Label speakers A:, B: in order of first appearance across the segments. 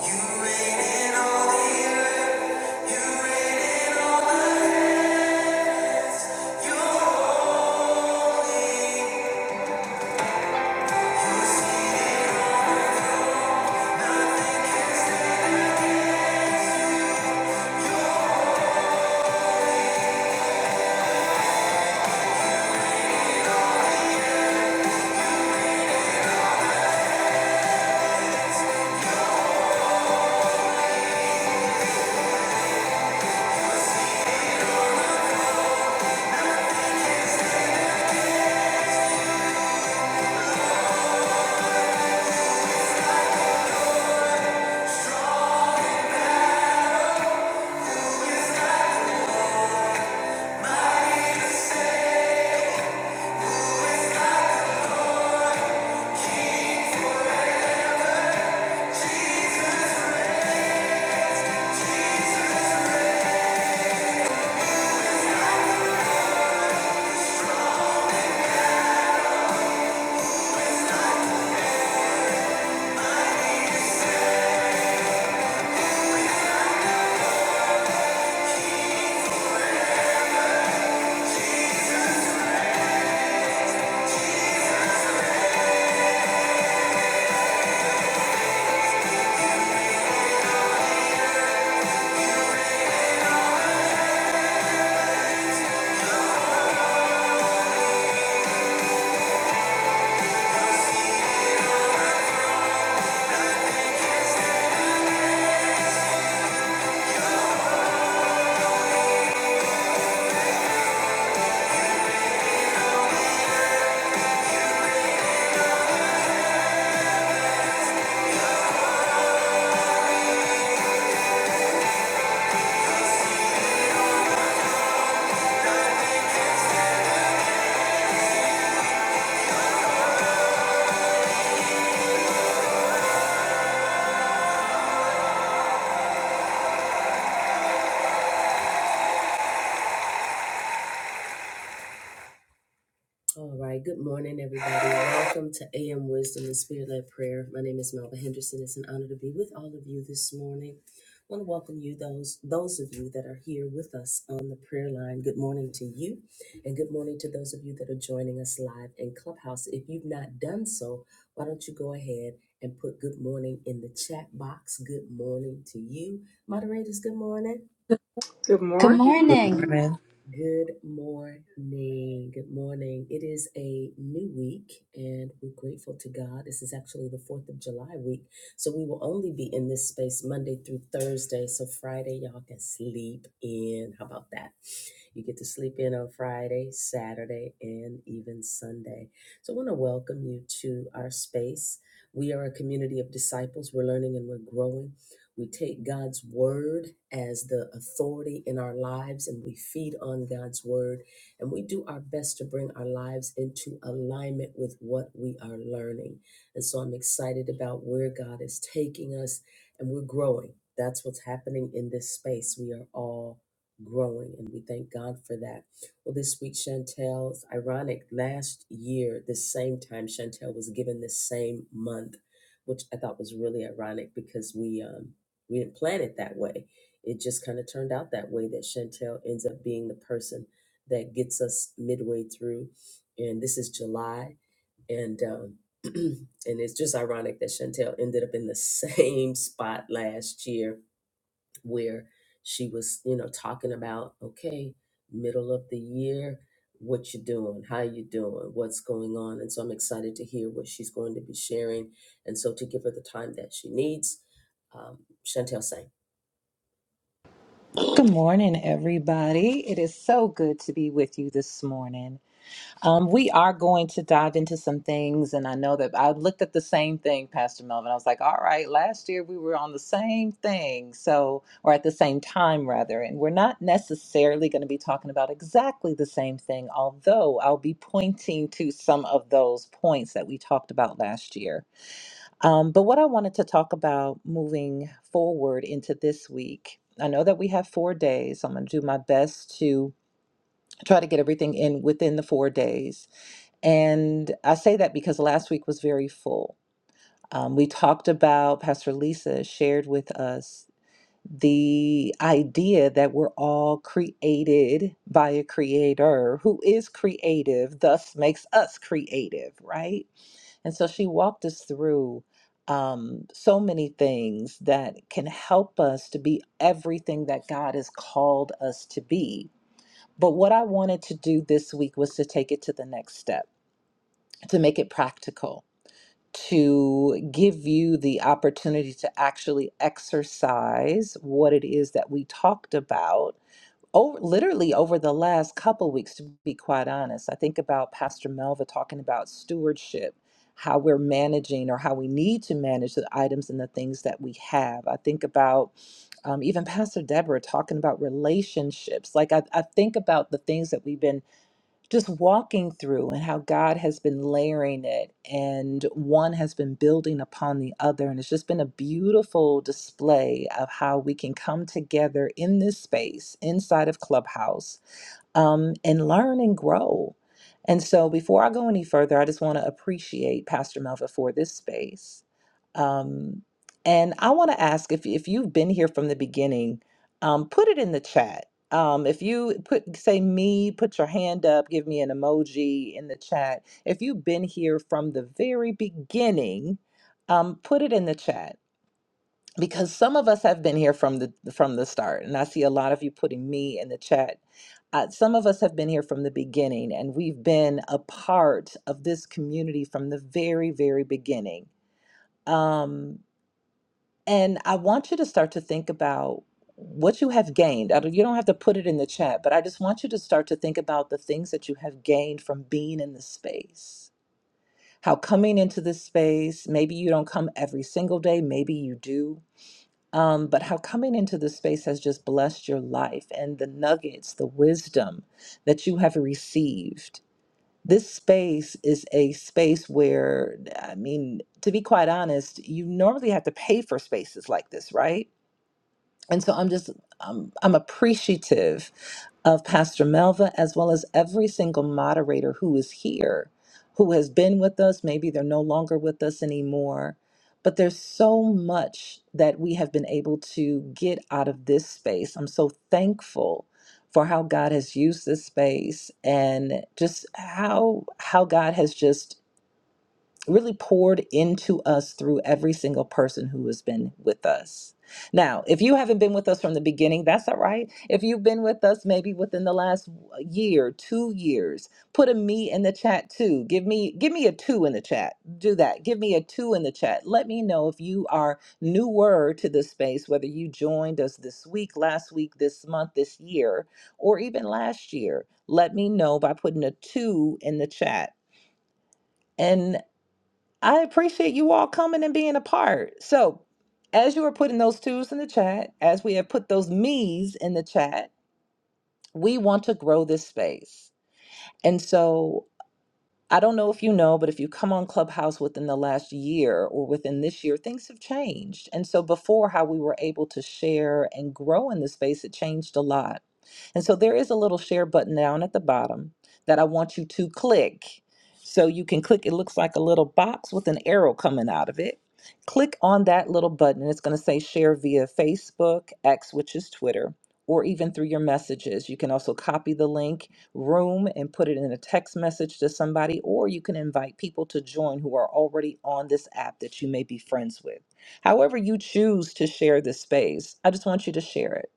A: You see it.
B: Good
C: Good
D: Good
C: morning.
B: morning.
D: morning.
E: Good morning, everybody. It is so good to be with you this morning. Um, we are going to dive into some things, and I know that I looked at the same thing, Pastor Melvin. I was like, all right, last year we were on the same thing, so, or at the same time, rather, and we're not necessarily going to be talking about exactly the same thing, although I'll be pointing to some of those points that we talked about last year. Um, but what I wanted to talk about moving forward into this week, I know that we have four days. I'm going to do my best to try to get everything in within the four days. And I say that because last week was very full. Um, we talked about, Pastor Lisa shared with us the idea that we're all created by a creator who is creative, thus makes us creative, right? And so she walked us through um, so many things that can help us to be everything that God has called us to be. But what I wanted to do this week was to take it to the next step, to make it practical, to give you the opportunity to actually exercise what it is that we talked about over literally over the last couple weeks to be quite honest i think about pastor melva talking about stewardship how we're managing or how we need to manage the items and the things that we have i think about um, even pastor deborah talking about relationships like I, I think about the things that we've been just walking through and how God has been layering it and one has been building upon the other. And it's just been a beautiful display of how we can come together in this space inside of Clubhouse um, and learn and grow. And so, before I go any further, I just want to appreciate Pastor Melva for this space. Um, and I want to ask if, if you've been here from the beginning, um, put it in the chat. Um, if you put say me, put your hand up, give me an emoji in the chat. If you've been here from the very beginning, um, put it in the chat because some of us have been here from the from the start and i see a lot of you putting me in the chat uh, some of us have been here from the beginning and we've been a part of this community from the very very beginning um, and i want you to start to think about what you have gained I don't, you don't have to put it in the chat but i just want you to start to think about the things that you have gained from being in the space how coming into this space maybe you don't come every single day maybe you do um, but how coming into this space has just blessed your life and the nuggets, the wisdom that you have received. This space is a space where, I mean, to be quite honest, you normally have to pay for spaces like this, right? and so I'm just I'm, I'm appreciative of Pastor Melva as well as every single moderator who is here, who has been with us. Maybe they're no longer with us anymore, but there's so much that we have been able to get out of this space. I'm so thankful for how God has used this space and just how how God has just really poured into us through every single person who has been with us. Now, if you haven't been with us from the beginning, that's all right. If you've been with us maybe within the last year, 2 years, put a me in the chat too. Give me give me a 2 in the chat. Do that. Give me a 2 in the chat. Let me know if you are newer to this space whether you joined us this week, last week, this month, this year, or even last year. Let me know by putting a 2 in the chat. and. I appreciate you all coming and being a part. So, as you are putting those twos in the chat, as we have put those me's in the chat, we want to grow this space. And so, I don't know if you know, but if you come on Clubhouse within the last year or within this year, things have changed. And so, before how we were able to share and grow in the space, it changed a lot. And so there is a little share button down at the bottom that I want you to click. So you can click, it looks like a little box with an arrow coming out of it. Click on that little button, and it's going to say share via Facebook, X, which is Twitter, or even through your messages. You can also copy the link room and put it in a text message to somebody, or you can invite people to join who are already on this app that you may be friends with. However, you choose to share this space, I just want you to share it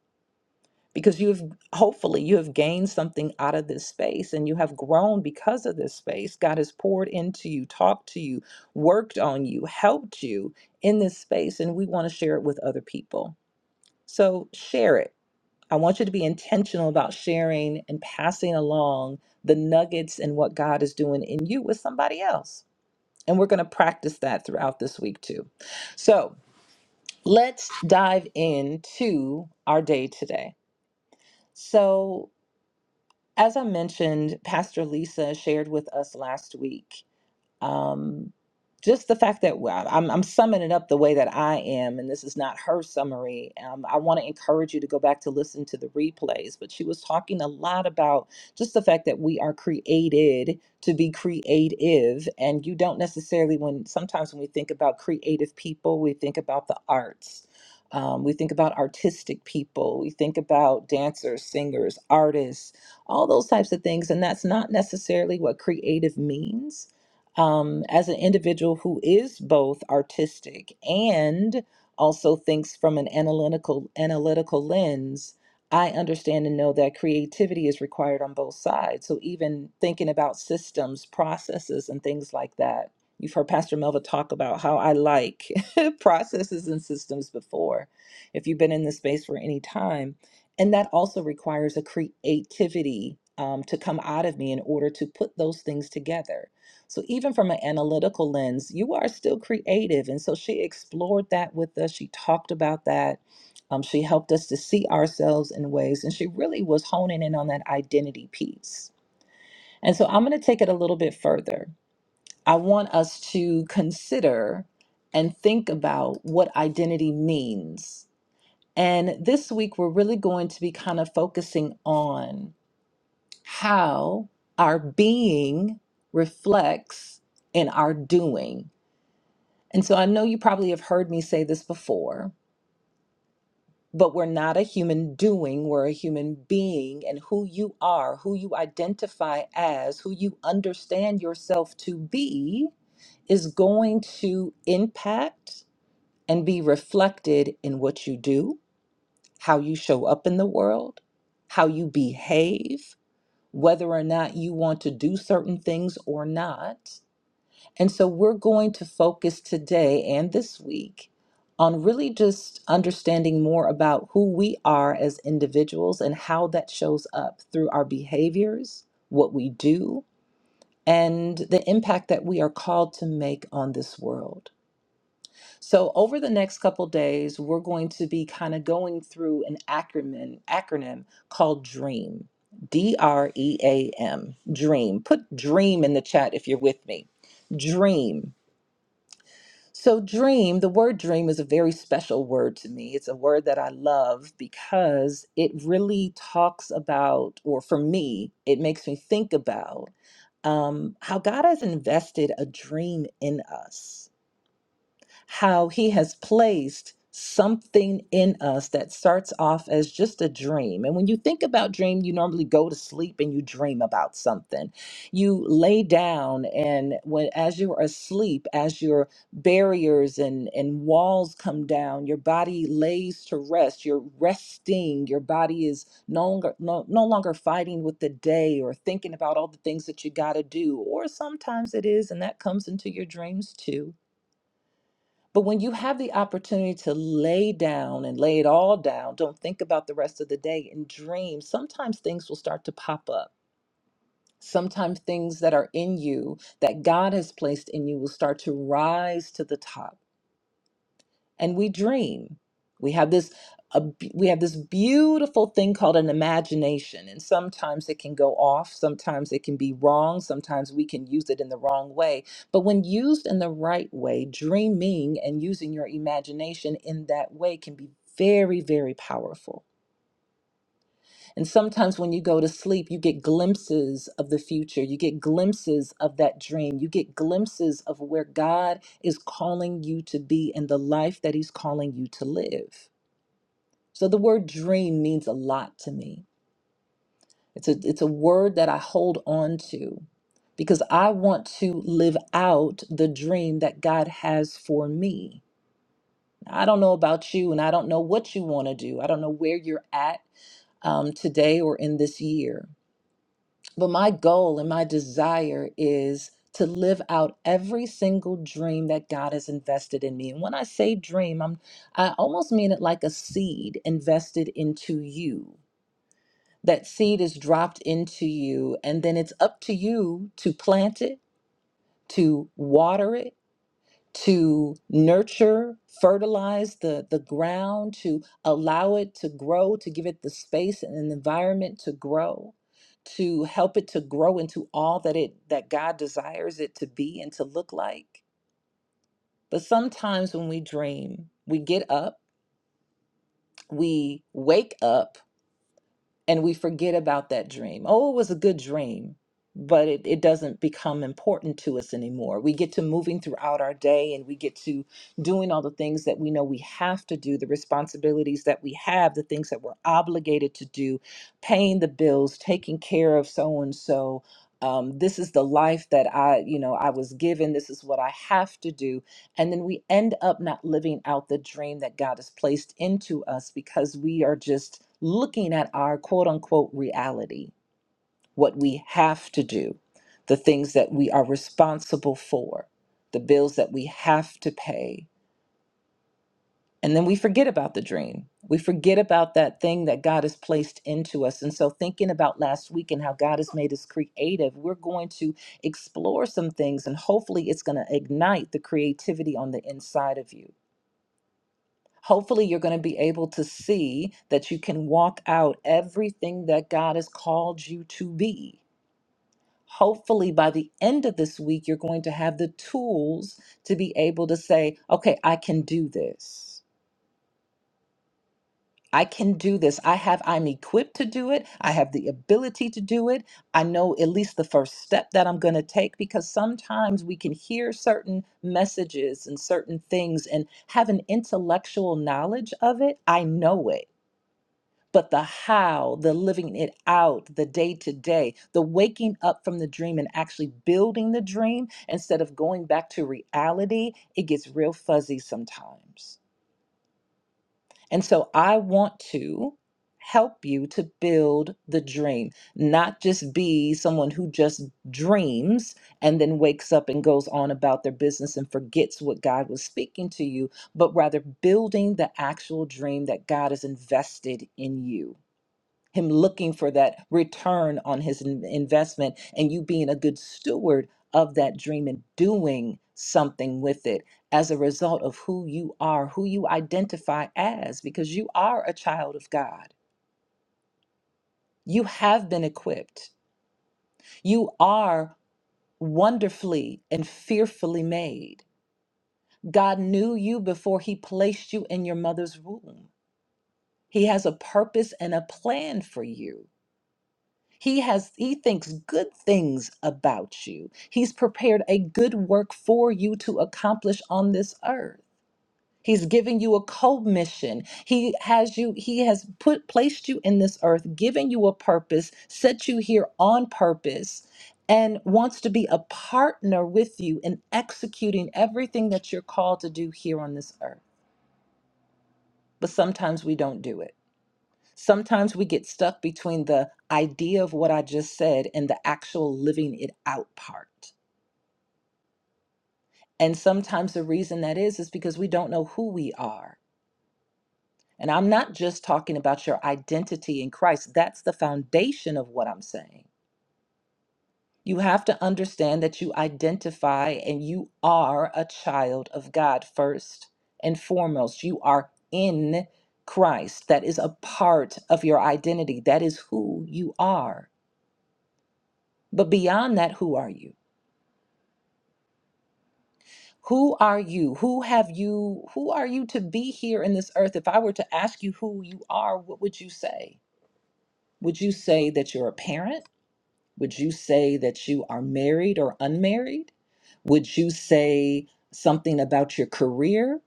E: because you've hopefully you have gained something out of this space and you have grown because of this space god has poured into you talked to you worked on you helped you in this space and we want to share it with other people so share it i want you to be intentional about sharing and passing along the nuggets and what god is doing in you with somebody else and we're going to practice that throughout this week too so let's dive into our day today so As I mentioned, Pastor Lisa shared with us last week um, just the fact that well, I'm, I'm summing it up the way that I am, and this is not her summary. Um, I want to encourage you to go back to listen to the replays, but she was talking a lot about just the fact that we are created to be creative, and you don't necessarily, when sometimes when we think about creative people, we think about the arts. Um, we think about artistic people. We think about dancers, singers, artists, all those types of things. And that's not necessarily what creative means um, as an individual who is both artistic and also thinks from an analytical analytical lens, I understand and know that creativity is required on both sides. So even thinking about systems, processes, and things like that. You've heard Pastor Melva talk about how I like processes and systems before, if you've been in this space for any time. And that also requires a creativity um, to come out of me in order to put those things together so, even from an analytical lens, you are still creative. And so, she explored that with us. She talked about that. Um, she helped us to see ourselves in ways. And she really was honing in on that identity piece. And so, I'm going to take it a little bit further. I want us to consider and think about what identity means. And this week, we're really going to be kind of focusing on how our being reflects in our doing And so I know you probably have heard me say this before, but we're not a human doing, we're a human being. And who you are, who you identify as, who you understand yourself to be, is going to impact and be reflected in what you do, how you show up in the world, how you behave, whether or not you want to do certain things or not. And so we're going to focus today and this week on really just understanding more about who we are as individuals and how that shows up through our behaviors, what we do, and the impact that we are called to make on this world. So over the next couple days, we're going to be kind of going through an acronym acronym called DREAM. D R E A M. DREAM. Put DREAM in the chat if you're with me. DREAM. So, dream, the word dream is a very special word to me. It's a word that I love because it really talks about, or for me, it makes me think about um, how God has invested a dream in us how He has placed something in us that starts off as just a dream. And when you think about dream, you normally go to sleep and you dream about something. You lay down and when as you're asleep, as your barriers and and walls come down, your body lays to rest. You're resting. Your body is no longer no, no longer fighting with the day or thinking about all the things that you got to do or sometimes it is and that comes into your dreams too but when you have the opportunity to lay down and lay it all down, don't think about the rest of the day and dream, sometimes things will start to pop up. Sometimes things that are in you that God has placed in you will start to rise to the top and we dream. We have this a, we have this beautiful thing called an imagination, and sometimes it can go off, sometimes it can be wrong, sometimes we can use it in the wrong way. But when used in the right way, dreaming and using your imagination in that way can be very, very powerful. And sometimes when you go to sleep, you get glimpses of the future. You get glimpses of that dream. You get glimpses of where God is calling you to be and the life that He's calling you to live. So the word dream means a lot to me. It's a, it's a word that I hold on to because I want to live out the dream that God has for me. I don't know about you, and I don't know what you want to do. I don't know where you're at um, today or in this year. But my goal and my desire is to live out every single dream that God has invested in me. And when I say dream, I'm I almost mean it like a seed invested into you. That seed is dropped into you and then it's up to you to plant it, to water it, to nurture, fertilize the, the ground, to allow it to grow, to give it the space and an environment to grow, to help it to grow into all that it that God desires it to be and to look like. But sometimes when we dream, we get up, we wake up and we forget about that dream. Oh, it was a good dream, but it, it doesn't become important to us anymore. We get to moving throughout our day and we get to doing all the things that we know we have to do, the responsibilities that we have, the things that we're obligated to do, paying the bills, taking care of so and so. Um, this is the life that I, you know, I was given. This is what I have to do and then we end up not living out the dream that God has placed into us because we are just looking at our quote unquote reality, what we have to do, the things that we are responsible for, the bills that we have to pay. And then we forget about the dream. We forget about that thing that God has placed into us. And so, thinking about last week and how God has made us creative, we're going to explore some things and hopefully it's going to ignite the creativity on the inside of you Hopefully, you're going to be able to see that you can walk out everything that God has called you to be. Hopefully, by the end of this week, you're going to have the tools to be able to say, okay, I can do this. I can do this. I have, I'm equipped to do it. I have the ability to do it. I know at least the first step that I'm going to take because sometimes we can hear certain messages and certain things and have an intellectual knowledge of it. I know it but the how, the living it out, the day to day, the waking up from the dream and actually building the dream instead of going back to reality, it gets real fuzzy sometimes. And so I want to help you to build the dream, not just be someone who just dreams and then wakes up and goes on about their business and forgets what God was speaking to you, but rather building the actual dream that God has invested in you him looking for that return on his in- investment and you being a good steward of that dream and doing something with it as a result of who you are, who you identify as, because you are a child of God. You have been equipped. You are wonderfully and fearfully made. God knew you before he placed you in your mother's womb. He has a purpose and a plan for you. He has he thinks good things about you. He's prepared a good work for you to accomplish on this earth. He's giving you a commission. He has you he has put placed you in this earth, given you a purpose, set you here on purpose and wants to be a partner with you in executing everything that you're called to do here on this earth. But sometimes we don't do it. Sometimes we get stuck between the idea of what I just said and the actual living it out part. And sometimes the reason that is, is because we don't know who we are. And I'm not just talking about your identity in Christ, that's the foundation of what I'm saying. You have to understand that you identify and you are a child of God first and foremost. You are in Christ. That is a part of your identity, that is who you are. But beyond that, who are you? Who are you? Who have you? Who are you to be here in this earth? If I were to ask you who you are, what would you say? Would you say that you're a parent? Would you say that you are married or unmarried? Would you say something about your career?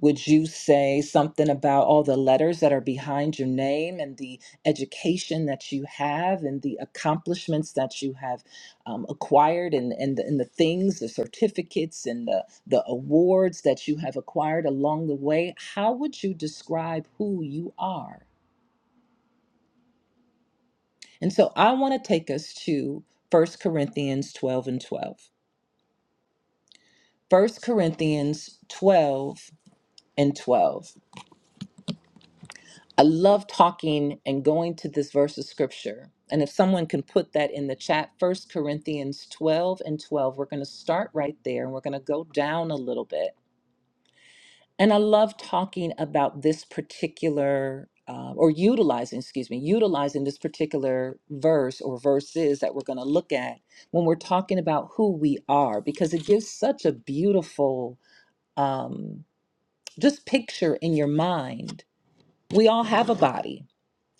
E: Would you say something about all the letters that are behind your name and the education that you have and the accomplishments that you have um, acquired and, and, the, and the things, the certificates and the, the awards that you have acquired along the way? How would you describe who you are? And so I want to take us to First Corinthians 12 and 12. First Corinthians 12 and 12. I love talking and going to this verse of scripture. And if someone can put that in the chat, First Corinthians 12 and 12, we're going to start right there and we're going to go down a little bit. And I love talking about this particular, uh, or utilizing, excuse me, utilizing this particular verse or verses that we're going to look at when we're talking about who we are, because it gives such a beautiful um, just picture in your mind. We all have a body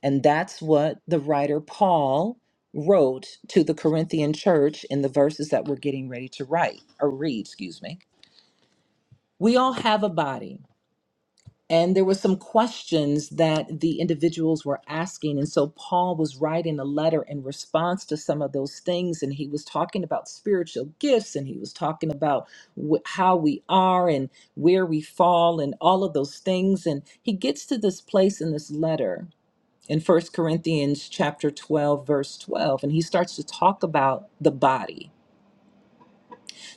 E: and that's what the writer Paul wrote to the Corinthian church in the verses that we're getting ready to write or read, excuse me. We all have a body. And there were some questions that the individuals were asking. And so Paul was writing a letter in response to some of those things. And he was talking about spiritual gifts and he was talking about wh- how we are and where we fall and all of those things. And he gets to this place in this letter in First Corinthians chapter 12 verse 12 and he starts to talk about the body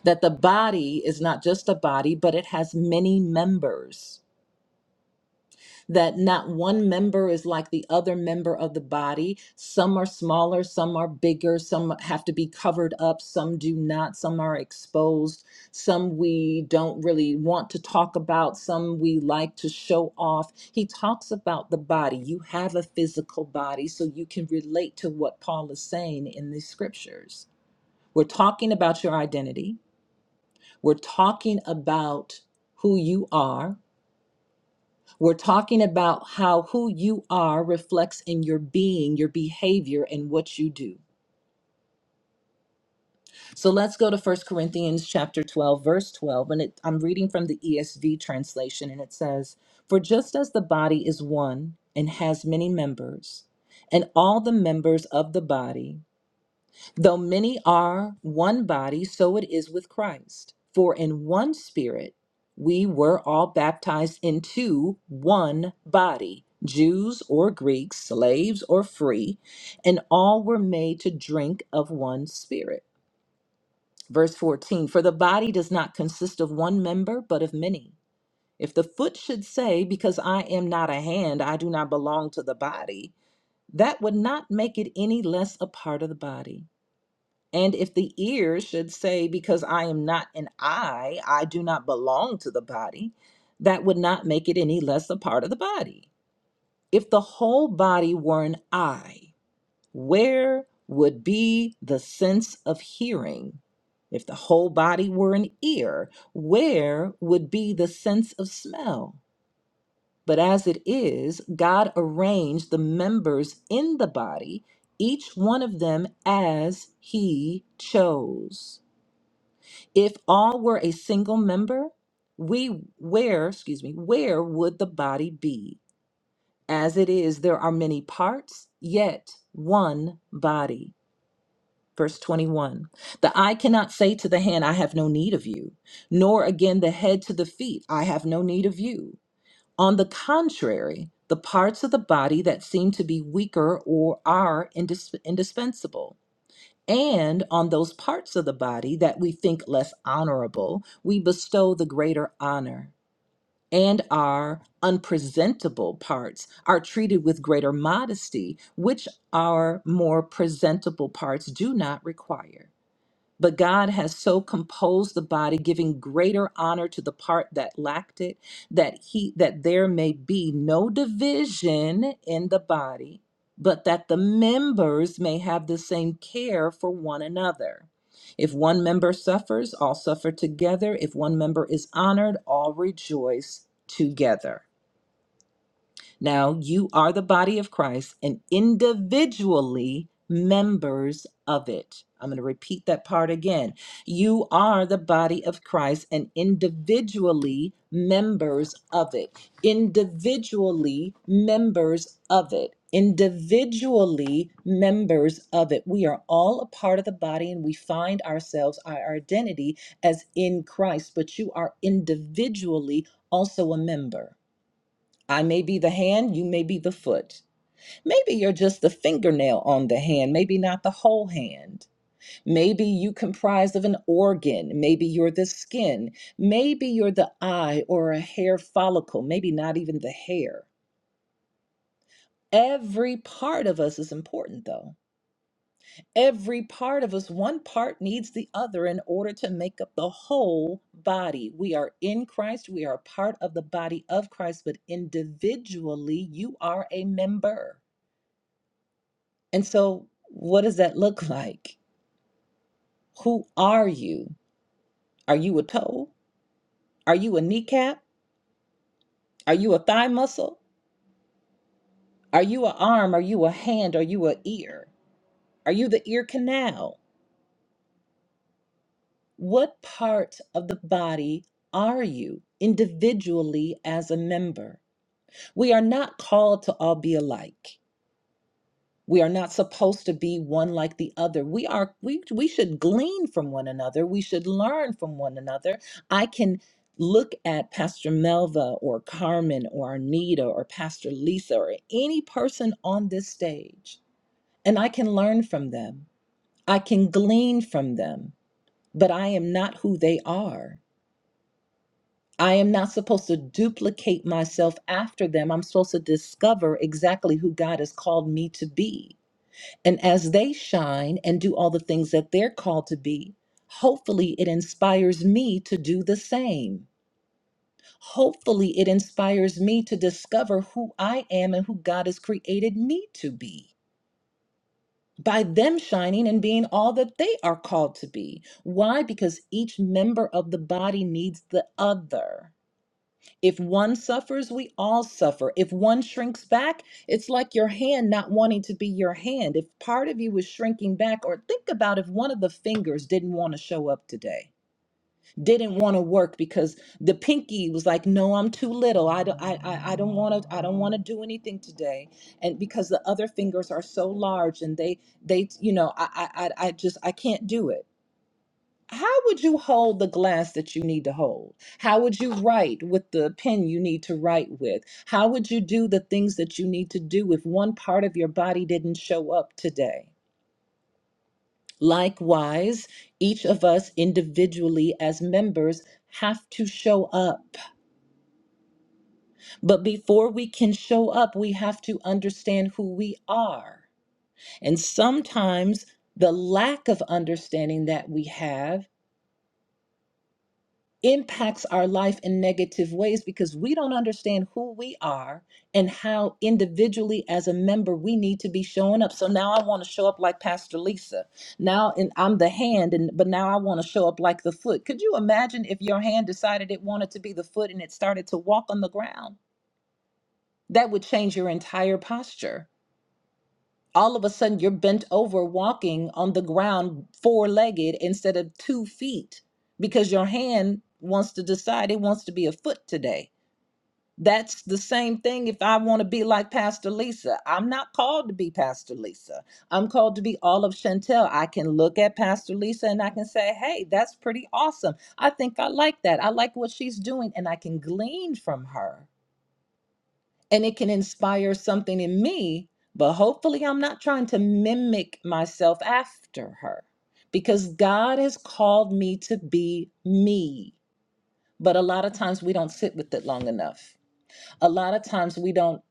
E: that the body is not just a body but it has many members that not one member is like the other member of the body. Some are smaller, some are bigger, some have to be covered up, some do not, some are exposed, some we don't really want to talk about, some we like to show off. He talks about the body. You have a physical body, so you can relate to what Paul is saying in the scriptures. We're talking about your identity, we're talking about who you are. We're talking about how who you are reflects in your being, your behavior, and what you do. So let's go to First Corinthians chapter 12, verse 12. And it, I'm reading from the ESV translation, and it says, For just as the body is one and has many members, and all the members of the body, Though many are one body, so it is with Christ. For in one spirit we were all baptized into one body, Jews or Greeks, slaves or free, and all were made to drink of one spirit. Verse 14 For the body does not consist of one member, but of many. If the foot should say, Because I am not a hand, I do not belong to the body, that would not make it any less a part of the body. And if the ear should say, Because I am not an eye, I do not belong to the body, that would not make it any less a part of the body. If the whole body were an eye, where would be the sense of hearing? If the whole body were an ear, where would be the sense of smell? But as it is, God arranged the members in the body, each one of them as He chose. If all were a single member, we where, excuse me, where would the body be? As it is, there are many parts, yet one body. Verse 21 The eye cannot say to the hand, I have no need of you, nor again the head to the feet, I have no need of you. On the contrary, the parts of the body that seem to be weaker or are indis- indispensable. And on those parts of the body that we think less honorable, we bestow the greater honor. And our unpresentable parts are treated with greater modesty, which our more presentable parts do not require. But God has so composed the body, giving greater honor to the part that lacked it, that he that there may be no division in the body, but that the members may have the same care for one another. If one member suffers, all suffer together. If one member is honored, all rejoice together. Now, you are the body of Christ and individually members of it. I'm going to repeat that part again. You are the body of Christ and individually members of it. Individually members of it. Individually members of it. We are all a part of the body and we find ourselves, our identity as in Christ, but you are individually also a member. I may be the hand, you may be the foot. Maybe you're just the fingernail on the hand, maybe not the whole hand. Maybe you comprise of an organ, maybe you're the skin, maybe you're the eye or a hair follicle, maybe not even the hair. Every part of us is important though. Every part of us, one part needs the other in order to make up the whole body. We are in Christ, we are a part of the body of Christ, but individually you are a member. And so, what does that look like? Who are you? Are you a toe? Are you a kneecap? Are you a thigh muscle? Are you a arm? Are you a hand? Are you a ear? Are you the ear canal? What part of the body are you individually as a member? We are not called to all be alike. We are not supposed to be one like the other. We are we we should glean from one another. We should learn from one another. I can look at Pastor Melva or Carmen or Anita or Pastor Lisa or any person on this stage and I can learn from them. I can glean from them, but I am not who they are. I am not supposed to duplicate myself after them. I'm supposed to discover exactly who God has called me to be and as they shine and do all the things that they're called to be, hopefully it inspires me to do the same. Hopefully it inspires me to discover who I am and who God has created me to be by them shining and being all that they are called to be. Why? Because each member of the body needs the other. If one suffers, we all suffer. If one shrinks back, it's like your hand not wanting to be your hand. If part of you is shrinking back, or think about if one of the fingers didn't want to show up today, didn't want to work because the pinky was like, "No, I'm too little. I don't, I, I, I don't want to. I don't want to do anything today." And because the other fingers are so large, and they, they, you know, I, I, I I just, I can't do it how would you hold the glass that you need to hold? How would you write with the pen you need to write with? How would you do the things that you need to do if one part of your body didn't show up today? Likewise, each of us individually as members have to show up. But before we can show up, we have to understand who we are. And sometimes the lack of understanding that we have impacts our life in negative ways because we don't understand who we are and how individually as a member we need to be showing up. So now I want to show up like Pastor Lisa. Now and I'm the hand and but now I want to show up like the foot. Could you imagine if your hand decided it wanted to be the foot and it started to walk on the ground? That would change your entire posture all of a sudden you're bent over walking on the ground four legged instead of two feet because your hand wants to decide it wants to be a foot today. That's the same thing if I want to be like Pastor Lisa. I'm not called to be Pastor Lisa. I'm called to be all of Chantel. I can look at Pastor Lisa and I can say, hey, that's pretty awesome. I think I like that. I like what she's doing and I can glean from her and it can inspire something in me, but hopefully I'm not trying to mimic myself after her because God has called me to be me. But a lot of times we don't sit with it long enough. A lot of times we don't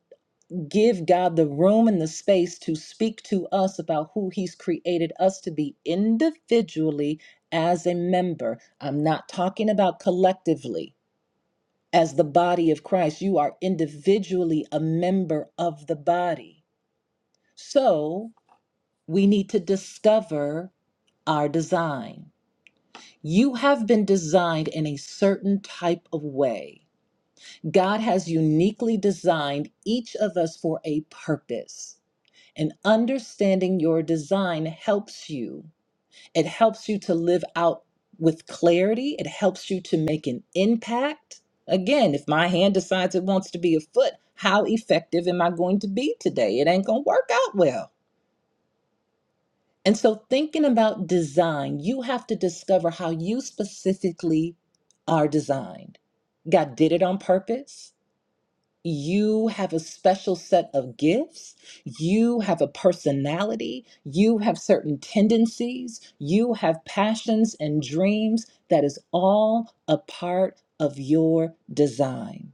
E: give God the room and the space to speak to us about who He's created us to be individually as a member. I'm not talking about collectively as the body of Christ. You are individually a member of the body. So we need to discover our design. You have been designed in a certain type of way. God has uniquely designed each of us for a purpose. And understanding your design helps you. It helps you to live out with clarity. It helps you to make an impact. Again, if my hand decides it wants to be a foot, how effective am I going to be today? It ain't going to work out well And so, thinking about design, you have to discover how you specifically are designed. God did it on purpose. You have a special set of gifts. You have a personality. You have certain tendencies. You have passions and dreams. That is all a part of your design.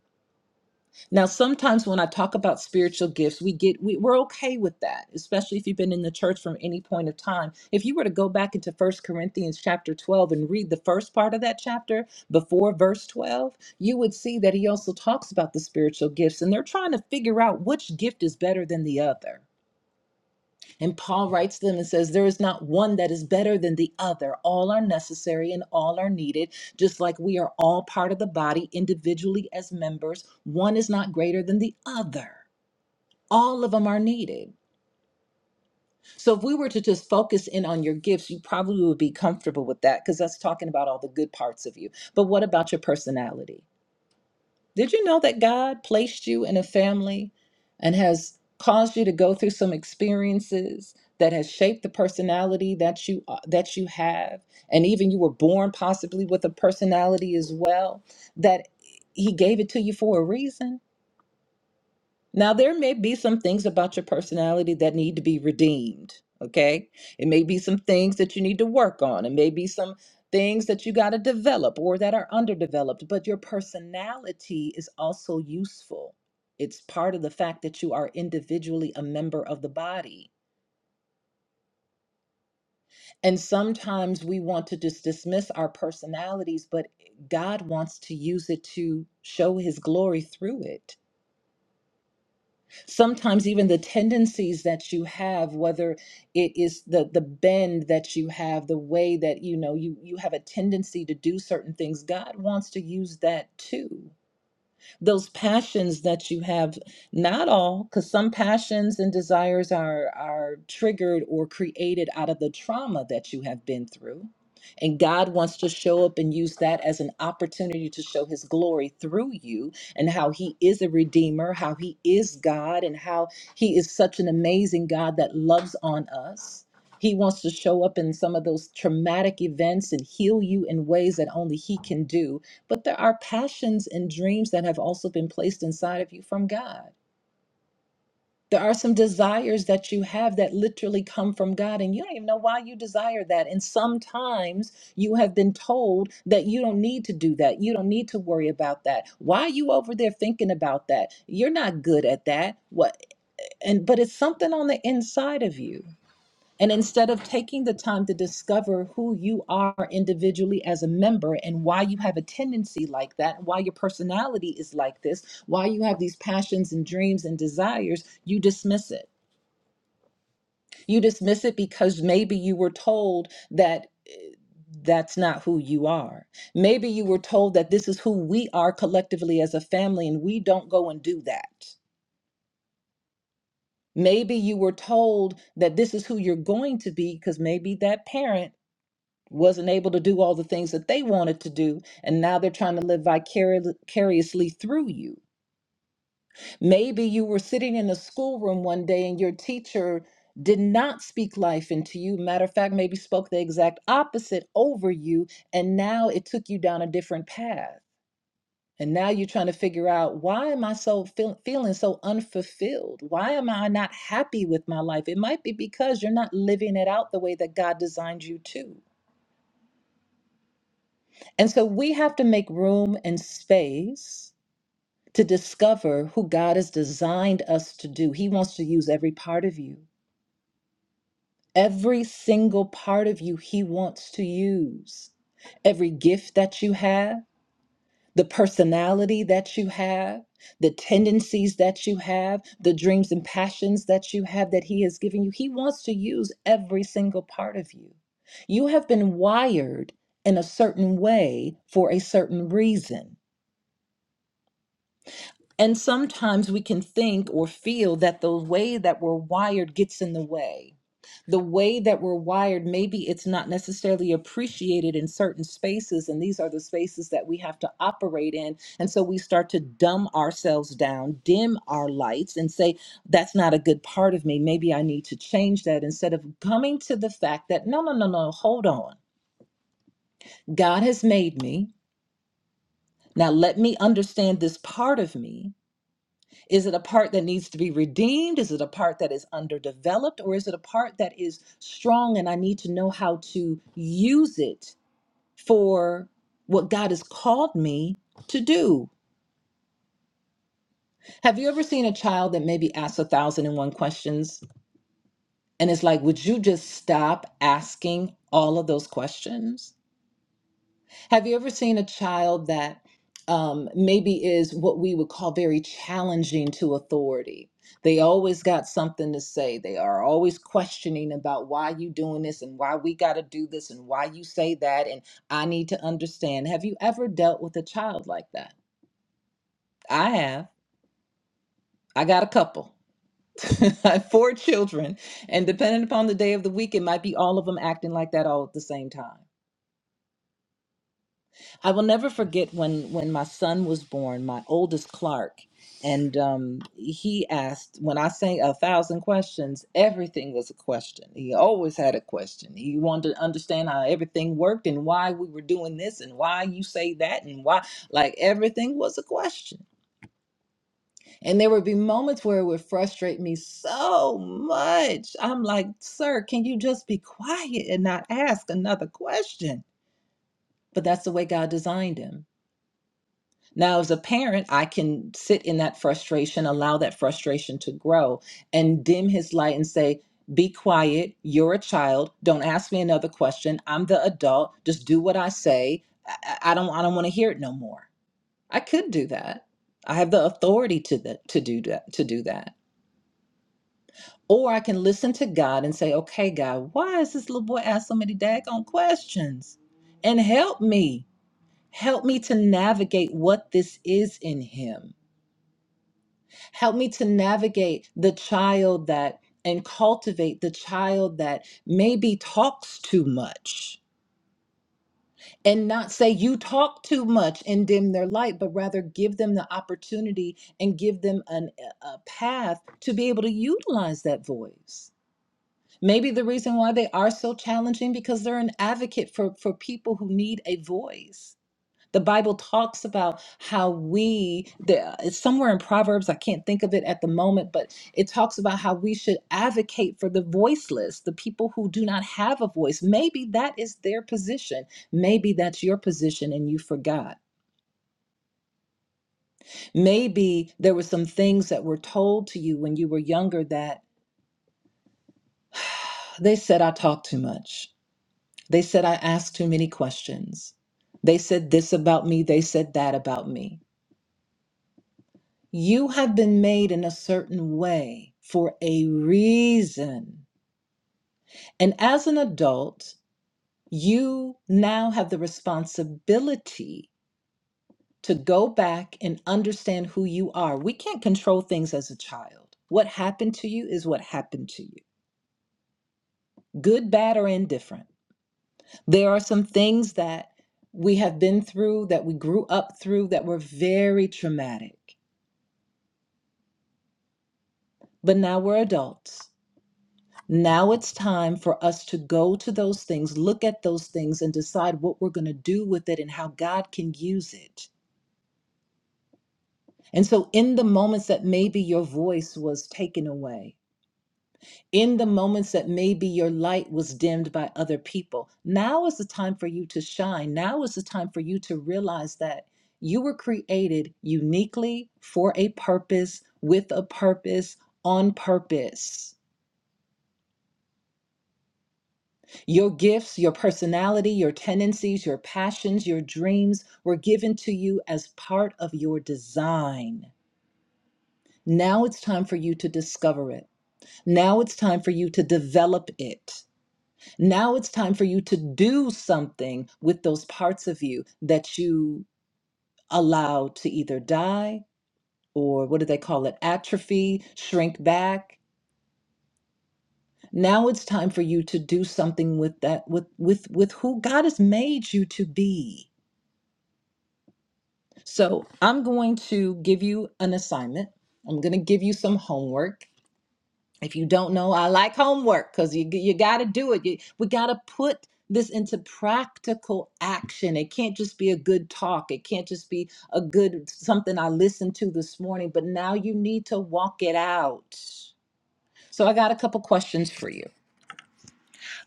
E: Now, sometimes when I talk about spiritual gifts, we get we, we're okay with that, especially if you've been in the church from any point of time. If you were to go back into First Corinthians chapter 12 and read the first part of that chapter before verse 12, you would see that he also talks about the spiritual gifts and they're trying to figure out which gift is better than the other. And Paul writes to them and says, There is not one that is better than the other. All are necessary and all are needed, just like we are all part of the body individually as members. One is not greater than the other. All of them are needed. So if we were to just focus in on your gifts, you probably would be comfortable with that because that's talking about all the good parts of you. But what about your personality? Did you know that God placed you in a family and has caused you to go through some experiences that has shaped the personality that you uh, that you have and even you were born possibly with a personality as well that he gave it to you for a reason? Now, there may be some things about your personality that need to be redeemed, okay? It may be some things that you need to work on. It may be some things that you got to develop or that are underdeveloped, but your personality is also useful. It's part of the fact that you are individually a member of the body. And sometimes we want to just dismiss our personalities, but God wants to use it to show his glory through it. sometimes even the tendencies that you have whether it is the the bend that you have the way that you know you you have a tendency to do certain things god wants to use that too those passions that you have not all because some passions and desires are are triggered or created out of the trauma that you have been through and God wants to show up and use that as an opportunity to show his glory through you and how he is a redeemer, how he is God, and how he is such an amazing God that loves on us. He wants to show up in some of those traumatic events and heal you in ways that only he can do but there are passions and dreams that have also been placed inside of you from God. There are some desires that you have that literally come from God, and you don't even know why you desire that. And sometimes you have been told that you don't need to do that. You don't need to worry about that. Why are you over there thinking about that? You're not good at that. What? And but it's something on the inside of you. And instead of taking the time to discover who you are individually as a member and why you have a tendency like that, why your personality is like this, why you have these passions and dreams and desires, you dismiss it. You dismiss it because maybe you were told that eh, that's not who you are. Maybe you were told that this is who we are collectively as a family and we don't go and do that. Maybe you were told that this is who you're going to be because maybe that parent wasn't able to do all the things that they wanted to do and now they're trying to live vicari- vicariously through you maybe you were sitting in a schoolroom one day and your teacher did not speak life into you matter of fact maybe spoke the exact opposite over you and now it took you down a different path and now you're trying to figure out why am i so feel- feeling so unfulfilled why am i not happy with my life it might be because you're not living it out the way that god designed you to And so we have to make room and space to discover who God has designed us to do. He wants to use every part of you, every single part of you, He wants to use. Every gift that you have, the personality that you have, the tendencies that you have, the dreams and passions that you have that He has given you, He wants to use every single part of you. You have been wired in a certain way for a certain reason. And sometimes we can think or feel that the way that we're wired gets in the way. The way that we're wired, maybe it's not necessarily appreciated in certain spaces, and these are the spaces that we have to operate in. And so we start to dumb ourselves down, dim our lights, and say, That's not a good part of me. Maybe I need to change that instead of coming to the fact that, No, no, no, no, hold on. God has made me. Now let me understand this part of me Is it a part that needs to be redeemed? Is it a part that is underdeveloped? Or is it a part that is strong and I need to know how to use it for what God has called me to do? Have you ever seen a child that maybe asks a thousand and one questions? And it's like, would you just stop asking all of those questions? Have you ever seen a child that um, maybe is what we would call very challenging to authority? They always got something to say. They are always questioning about why you doing this and why we got to do this and why you say that and I need to understand. Have you ever dealt with a child like that? I have. I got a couple. I have four children, and depending upon the day of the week, it might be all of them acting like that all at the same time. I will never forget when when my son was born, my oldest Clark, and um, he asked when I sang a thousand questions. Everything was a question. He always had a question. He wanted to understand how everything worked and why we were doing this and why you say that and why like everything was a question. And there would be moments where it would frustrate me so much. I'm like, sir, can you just be quiet and not ask another question? But that's the way God designed him Now, as a parent, I can sit in that frustration, allow that frustration to grow, and dim his light and say, Be quiet. You're a child. Don't ask me another question. I'm the adult. Just do what I say. I, I I don't I don't want to hear it no more. I could do that. I have the authority to the, to do that to do that. Or I can listen to God and say, okay, God, why is this little boy asking so many daggone questions? And help me. Help me to navigate what this is in him Help me to navigate the child that and cultivate the child that maybe talks too much and not say you talk too much and dim their light, but rather give them the opportunity and give them an, a path to be able to utilize that voice. Maybe the reason why they are so challenging because they're an advocate for, for people who need a voice the Bible talks about how we, the, it's somewhere in Proverbs, I can't think of it at the moment, but it talks about how we should advocate for the voiceless, the people who do not have a voice. Maybe that is their position. Maybe that's your position and you forgot. Maybe there were some things that were told to you when you were younger that they said, I talk too much. They said, I ask too many questions. They said this about me. They said that about me. You have been made in a certain way for a reason. And as an adult, you now have the responsibility to go back and understand who you are. We can't control things as a child. What happened to you is what happened to you, good, bad, or indifferent. There are some things that we have been through, that we grew up through, that were very traumatic. But now we're adults. Now it's time for us to go to those things, look at those things, and decide what we're going to do with it and how God can use it. And so, in the moments that maybe your voice was taken away, in the moments that maybe your light was dimmed by other people, now is the time for you to shine. Now is the time for you to realize that you were created uniquely for a purpose, with a purpose, on purpose. Your gifts, your personality, your tendencies, your passions, your dreams were given to you as part of your design. Now it's time for you to discover it. Now it's time for you to develop it. Now it's time for you to do something with those parts of you that you allowed to either die or what do they call it? Atrophy, shrink back. Now it's time for you to do something with that with with with who God has made you to be. So I'm going to give you an assignment. I'm going to give you some homework. If you don't know, I like homework because you, you got to do it. You- we got to put this into practical action. It can't just be a good talk. It can't just be a good something I listened to this morning, but now you need to walk it out. So I got a couple questions for you.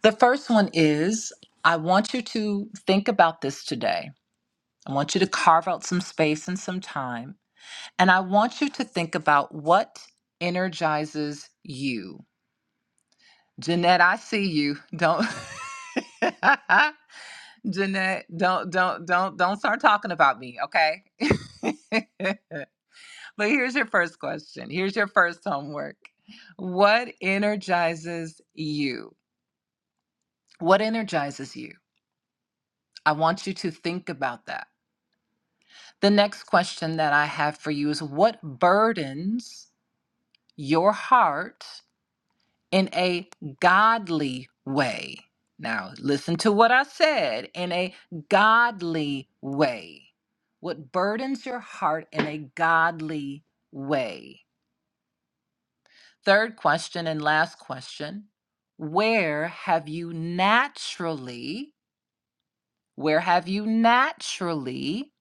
E: The first one is I want you to think about this today. I want you to carve out some space and some time And I want you to think about what energizes you. Jeanette, I see you. Don't Jeanette, don't don't don't don't start talking about me, okay? but here's your first question. Here's your first homework. What energizes you? What energizes you? I want you to think about that. The next question that I have for you is what burdens your heart in a godly way. Now, listen to what I said in a godly way. What burdens your heart in a godly way? Third question and last question Where have you naturally, where have you naturally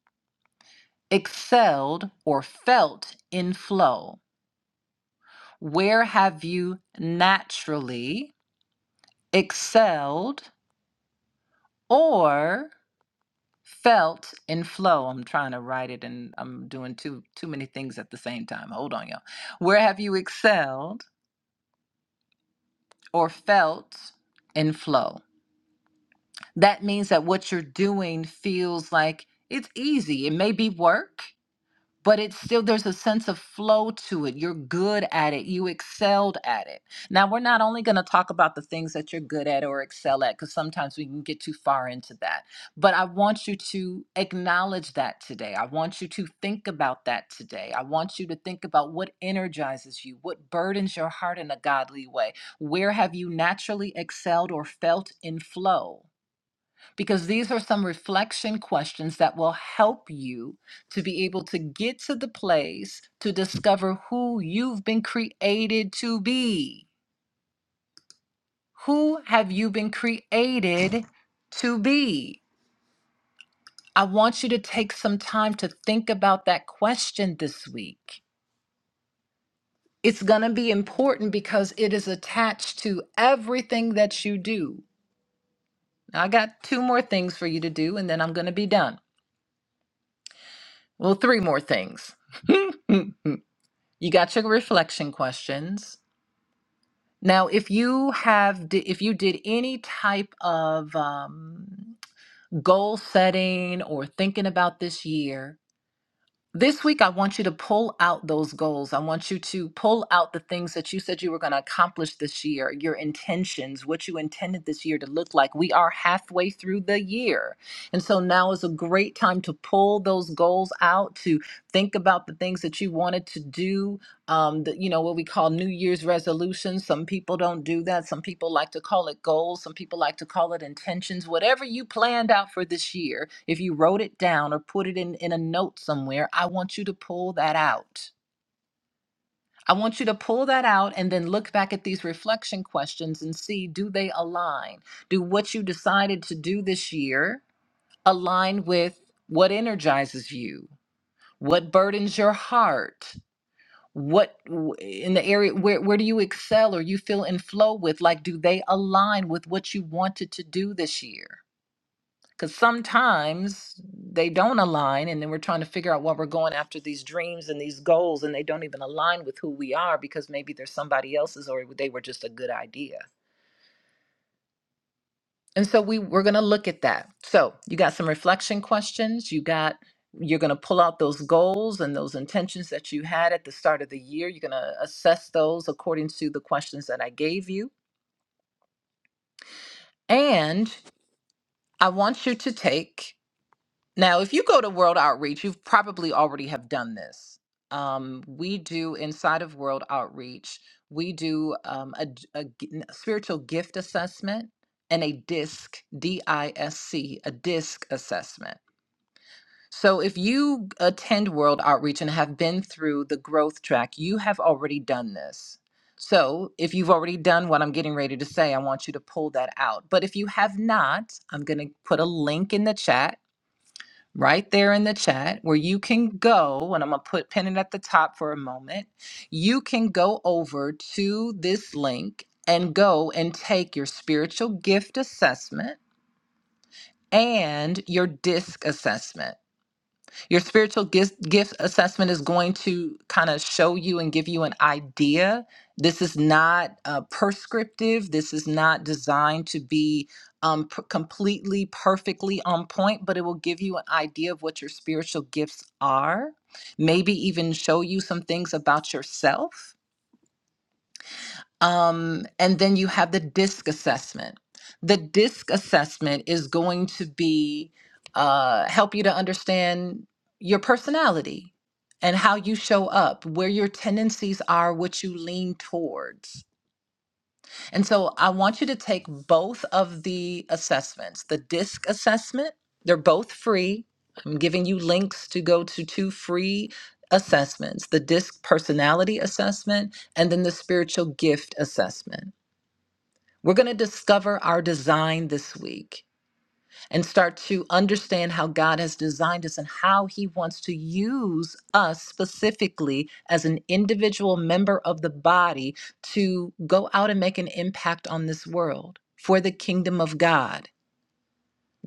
E: excelled or felt in flow? Where have you naturally excelled or felt in flow i'm trying to write it and i'm doing too too many things at the same time hold on y'all where have you excelled or felt in flow that means that what you're doing feels like it's easy it may be work but it's still there's a sense of flow to it. You're good at it. You excelled at it. Now we're not only going to talk about the things that you're good at or excel at because sometimes we can get too far into that. But I want you to acknowledge that today. I want you to think about that today. I want you to think about what energizes you, what burdens your heart in a godly way. Where have you naturally excelled or felt in flow? because these are some reflection questions that will help you to be able to get to the place to discover who you've been created to be. Who have you been created to be? I want you to take some time to think about that question this week. It's going to be important because it is attached to everything that you do. Now, I got two more things for you to do, and then I'm going to be done. Well, three more things. You got your reflection questions. Now, if you have, di- if you did any type of um, goal setting or thinking about this year, this week I want you to pull out those goals. I want you to pull out the things that you said you were going to accomplish this year, your intentions, what you intended this year to look like. We are halfway through the year. And so now is a great time to pull those goals out, to think about the things that you wanted to do, um, the, you know what we call New Year's resolutions. Some people don't do that. Some people like to call it goals. Some people like to call it intentions. Whatever you planned out for this year, if you wrote it down or put it in in a note somewhere, I want you to pull that out. I want you to pull that out and then look back at these reflection questions and see do they align? Do what you decided to do this year align with what energizes you? What burdens your heart? what w- in the area where, where do you excel or you feel in flow with like do they align with what you wanted to do this year because sometimes they don't align and then we're trying to figure out what we're going after these dreams and these goals and they don't even align with who we are because maybe they're somebody else's or they were just a good idea And so we we're going to look at that. So, you got some reflection questions, you got you're going to pull out those goals and those intentions that you had at the start of the year. You're going to assess those according to the questions that I gave you. And I want you to take now if you go to World Outreach, you have probably already have done this. Um, we do inside of World Outreach, we do um, a, d- a g- n- spiritual gift assessment and a DISC, D I S C, a DISC assessment. So, if you attend World Outreach and have been through the growth track, you have already done this. So, if you've already done what I'm getting ready to say, I want you to pull that out. But if you have not, I'm going to put a link in the chat, right there in the chat, where you can go, and I'm going to put pin it at the top for a moment. You can go over to this link and go and take your spiritual gift assessment and your disc assessment. Your spiritual gift, gift assessment is going to kind of show you and give you an idea. This is not uh, prescriptive. This is not designed to be um, p- completely, perfectly on point, but it will give you an idea of what your spiritual gifts are, maybe even show you some things about yourself um, and then you have the DISC assessment. The DISC assessment is going to be uh, help you to understand your personality and how you show up, where your tendencies are, what you lean towards. And so I want you to take both of the assessments the DISC assessment, they're both free. I'm giving you links to go to two free assessments the DISC personality assessment and then the spiritual gift assessment we're going to discover our design this week and start to understand how God has designed us and how He wants to use us specifically as an individual member of the body to go out and make an impact on this world for the kingdom of God.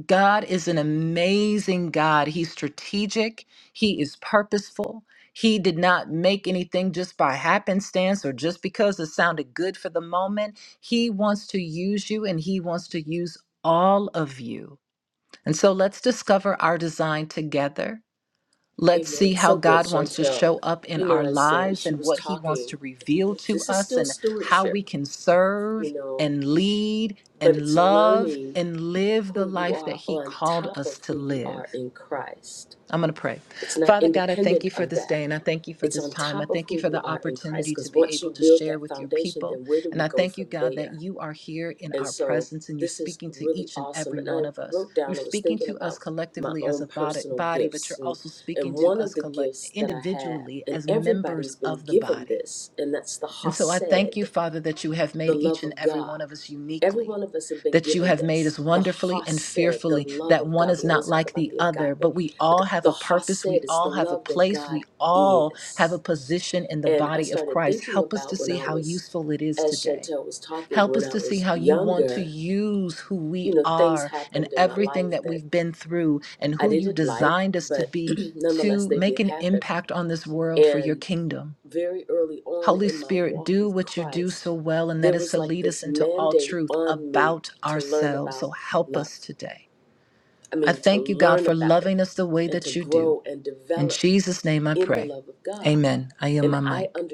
E: God is an amazing God. He's strategic, He is purposeful. He did not make anything just by happenstance or just because it sounded good for the moment. He wants to use you and He wants to use all of you. And so let's discover our design together. Let's see how God wants to show up in our lives and what He wants to reveal to us and how we can serve and lead and love and live the life that He called us to live. I'm going to pray. Father God, I thank you for this day and I thank you for this time. I thank you for the opportunity to be able to share with your people. And I thank you, God, that you are here in our presence and you're speaking to each and every one of us. You're speaking to us collectively as a bod- body, but you're also speaking to us collect- individually as members of the body. And so I thank you, Father, that you have made each and every one of us uniquely, that you have made us wonderfully and fearfully, that one is not like the other, but we all have a purpose, we all have a place, we all have a position in the body of Christ. Help us to see how useful it is today. Help us to see how you want to use who we are and everything that we've been through and who you designed us to be to make an impact on this world for your kingdom. Holy Spirit, do what you do so well, and that is to lead us into all truth about ourselves. So help us today. I thank you, God, for loving us the way that you do. In Jesus' name I pray. Amen. I am my mic.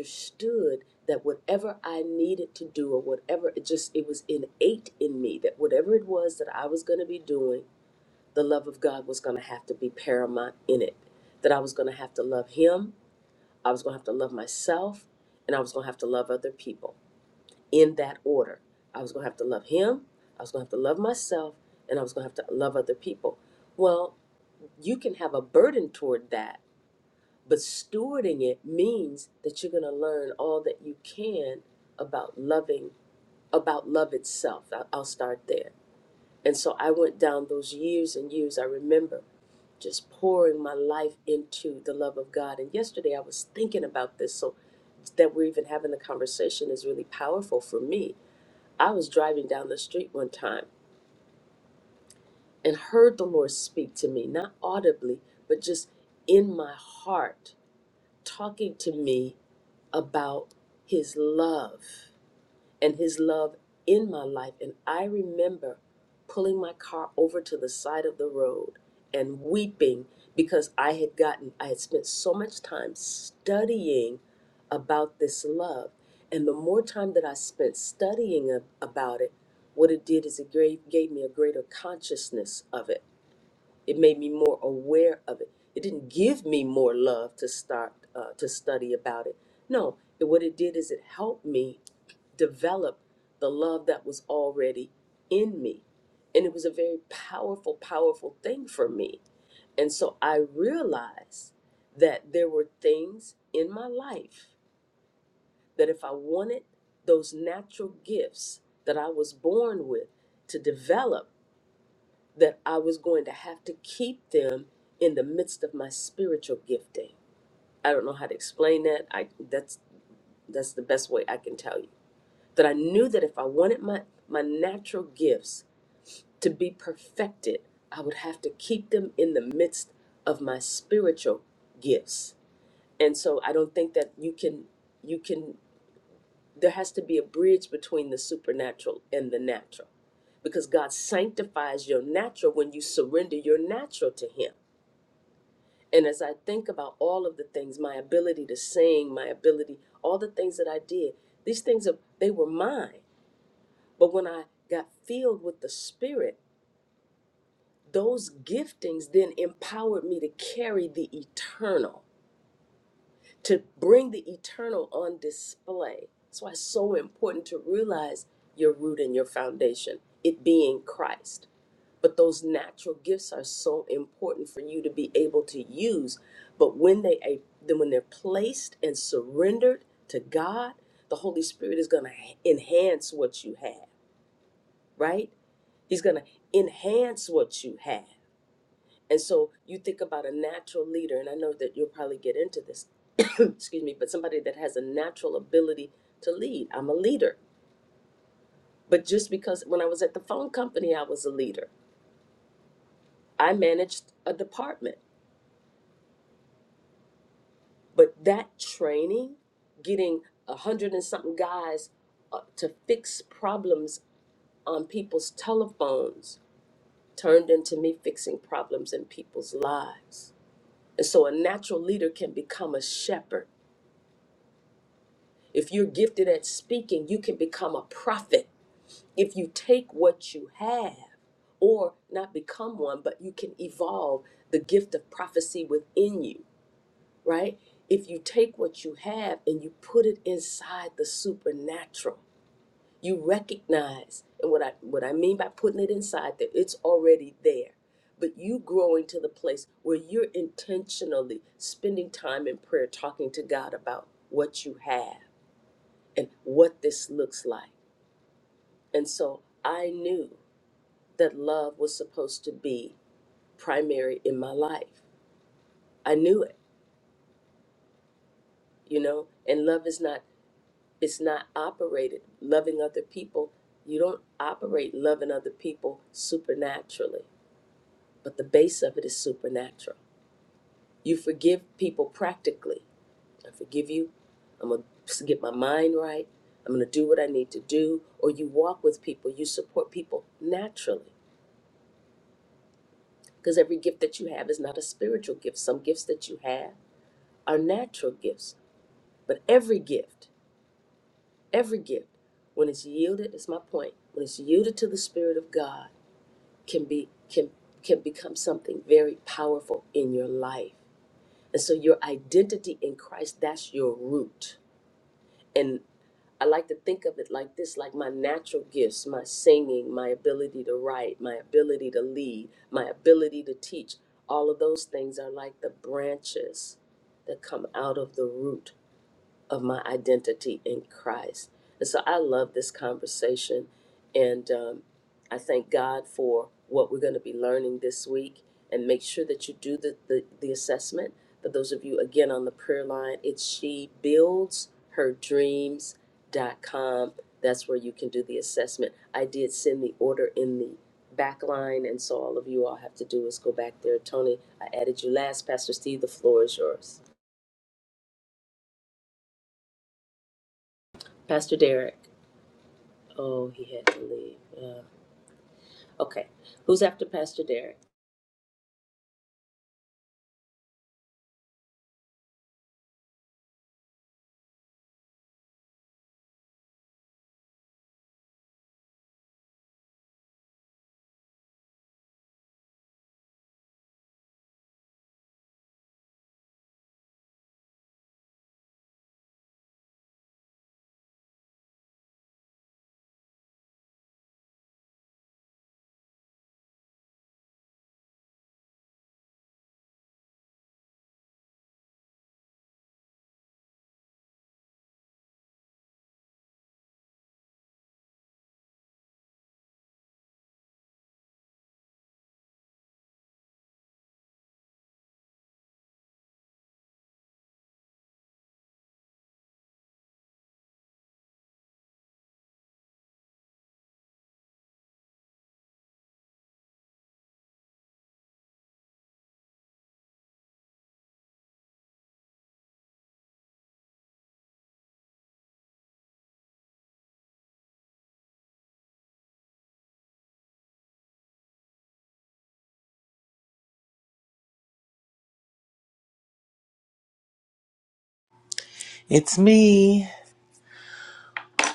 D: It's me.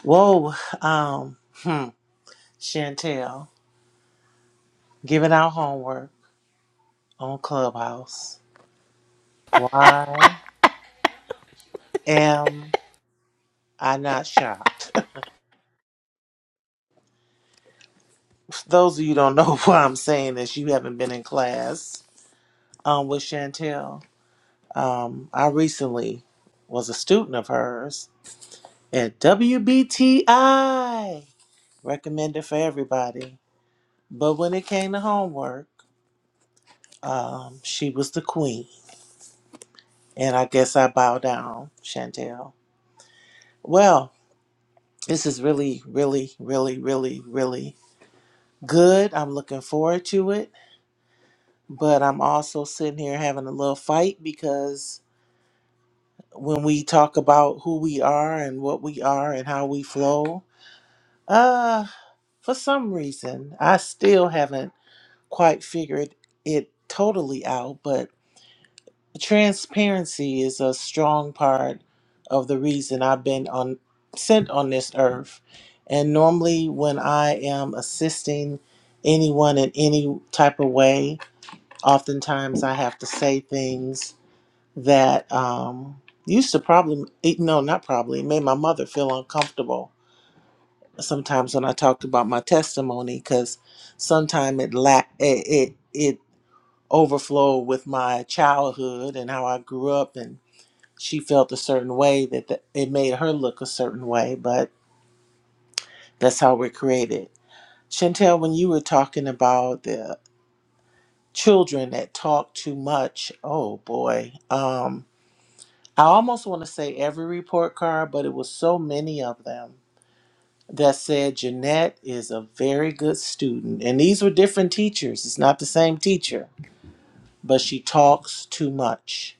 D: Whoa. Um, hmm. Chantel, giving out homework on Clubhouse. Why am I not shocked? Those of you who don't know why I'm saying this, you haven't been in class um, with Chantel. Um, I recently was a student of hers at WBTI, recommended for everybody. But when it came to homework, um, she was the queen. And I guess I bow down, Chantel. Well, this is really, really, really, really, really good. I'm looking forward to it. But I'm also sitting here having a little fight because when we talk about who we are and what we are and how we flow, uh, for some reason, I still haven't quite figured it totally out. But transparency is a strong part of the reason I've been on sent on this earth. And normally when I am assisting anyone in any type of way, oftentimes I have to say things that um used to probably eh, no not probably it made my mother feel uncomfortable sometimes when i talked about my testimony because sometimes it la- it, it it overflowed with my childhood and how i grew up and she felt a certain way that th- it made her look a certain way, but that's how we're created. Chantel, when you were talking about the children that talk too much, oh boy, um, I almost want to say every report card, but it was so many of them that said Jeanette is a very good student. And these were different teachers, it's not the same teacher, but she talks too much.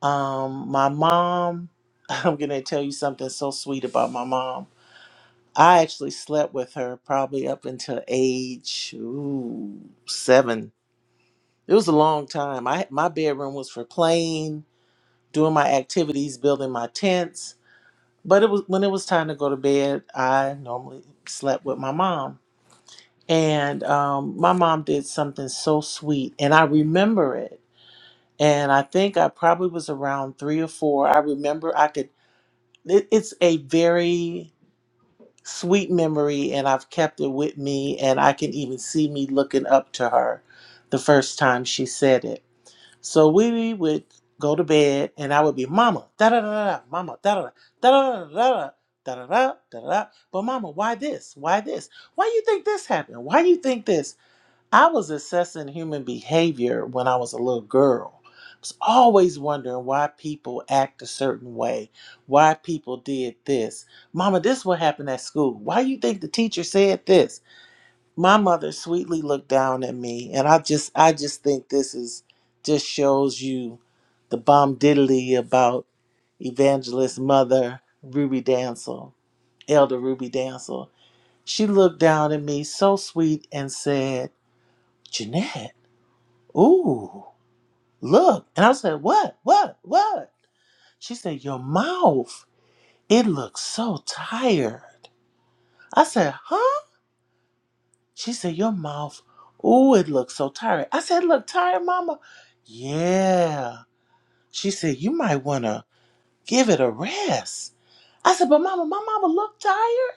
D: Um, my mom, I'm going to tell you something so sweet about my mom I actually slept with her probably up until age ooh, seven. It was a long time. I my bedroom was for playing, doing my activities, building my tents. But it was when it was time to go to bed, I normally slept with my mom. And um, my mom did something so sweet, and I remember it. And I think I probably was around three or four. I remember I could. It, it's a very sweet memory and I've kept it with me and I can even see me looking up to her the first time she said it. So we would go to bed and I would be mama da da da da mama da da da da da da da da da da da." but mama why this why this why you think this happened why you think this I was assessing human behavior when I was a little girl. I was always wondering why people act a certain way, why people did this. Mama, this what happened at school. Why you think the teacher said this? My mother sweetly looked down at me and I just I just think this is just shows you the bomb diddly about evangelist mother Ruby Dancel, Elder Ruby Dancel. She looked down at me so sweet and said, Jeanette. Ooh, look. And I said, What? What? What? She said, Your mouth. It looks so tired. I said, Huh? She said, Your mouth. Ooh, it looks so tired. I said, Look tired, mama. Yeah. She said, You might want to give it a rest. I said, But mama, my mama looked tired.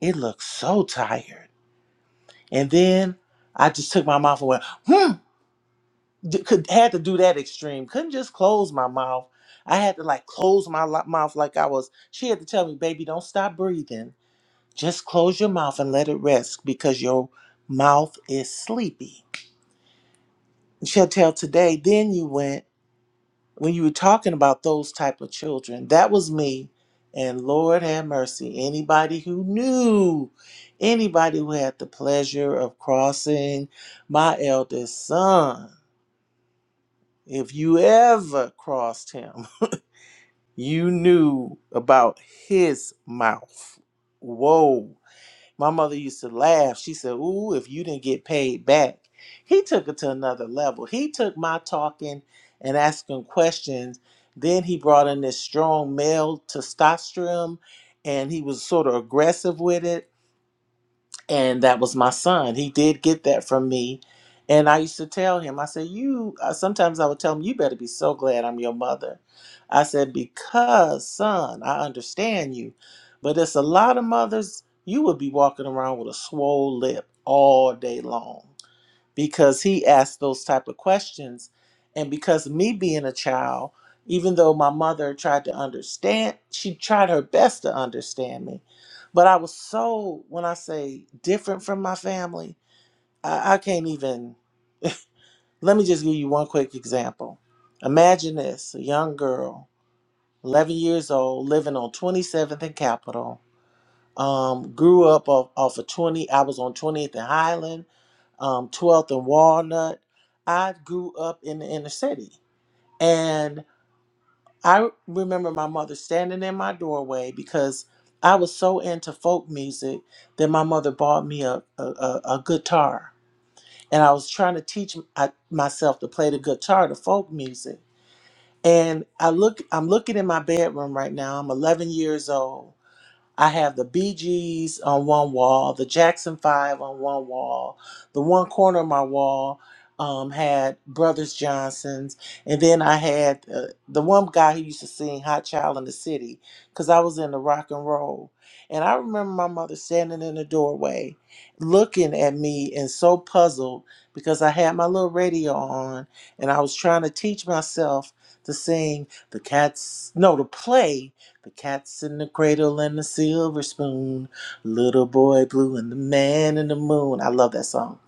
D: It looks so tired. And then I just took my mouth away. d- could had to do that extreme. Couldn't just close my mouth. I had to like close my lo- mouth like I was. She had to tell me, "Baby, don't stop breathing. Just close your mouth and let it rest because your mouth is sleepy." She'll tell today. Then you went when you were talking about those type of children. That was me, and Lord have mercy. Anybody who knew, anybody who had the pleasure of crossing my eldest son, if you ever crossed him. You knew about his mouth. Whoa. My mother used to laugh. She said, Ooh, if you didn't get paid back. He took it to another level. He took my talking and asking questions. Then he brought in this strong male testosterone and he was sort of aggressive with it and that was my son. He did get that from me, and I used to tell him. I said, "You." uh, Sometimes I would tell him, "You better be so glad I'm your mother." I said, "Because, son, I understand you, but it's a lot of mothers. You would be walking around with a swole lip all day long." because he asked those type of questions and because me being a child even though my mother tried to understand she tried her best to understand me but i was so when i say different from my family i, I can't even let me just give you one quick example imagine this a young girl 11 years old living on 27th and capitol um, grew up off, off of 20. I was on 20th and Highland, um, 12th and Walnut. I grew up in the inner city. And I remember my mother standing in my doorway because I was so into folk music that my mother bought me a, a, a, a guitar. And I was trying to teach m- I- myself to play the guitar, the folk music. And I look, I'm looking in my bedroom right now. I'm 11 years old I have the BGs on one wall, the Jackson Five on one wall. The one corner of my wall um, had Brothers Johnson's, and then I had uh, the one guy who used to sing "Hot Child in the City" because I was in the rock and roll. And I remember my mother standing in the doorway, looking at me and so puzzled because I had my little radio on and I was trying to teach myself to sing the cats, no, to play the cat's in the cradle and the silver spoon. Little boy blue and the man in the moon. I love that song.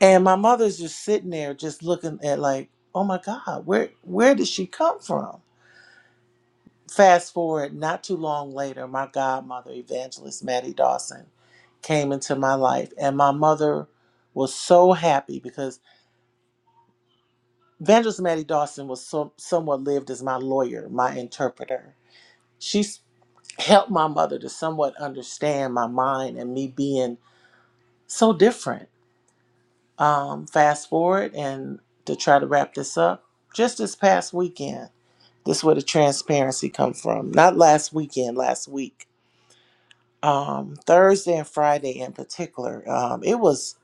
D: And my mother's just sitting there just looking at like, oh my God, where where did she come from? Fast forward not too long later, my godmother, evangelist Maddie Dawson, came into my life. And my mother was so happy because Evangelist Maddie Dawson was so, somewhat lived as my lawyer, my interpreter. She helped my mother to somewhat understand my mind and me being so different. Um, fast forward and to try to wrap this up, just this past weekend, this is where the transparency come from. Not last weekend, last week. Um, Thursday and Friday in particular. Um, it was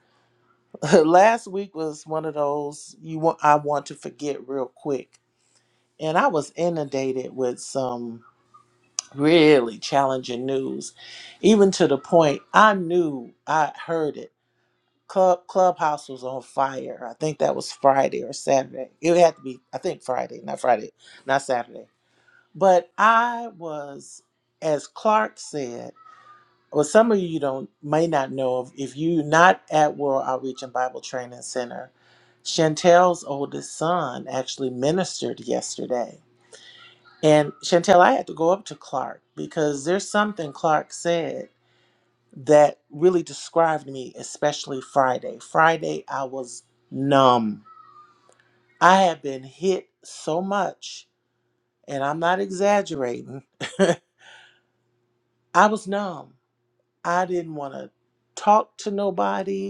D: last week was one of those you want I want to forget real quick. And I was inundated with some really challenging news, even to the point I knew I heard it. Club Clubhouse was on fire. I think that was Friday or Saturday. It had to be, I think Friday, not Friday, not Saturday. But I was, as Clark said, well, some of you don't may not know if, if you not at World Outreach and Bible Training Center, Chantel's oldest son actually ministered yesterday and Chantel, I had to go up to Clark because there's something Clark said that really described me, especially Friday. Friday, I was numb. I had been hit so much, and I'm not exaggerating. I was numb. I didn't want to talk to nobody.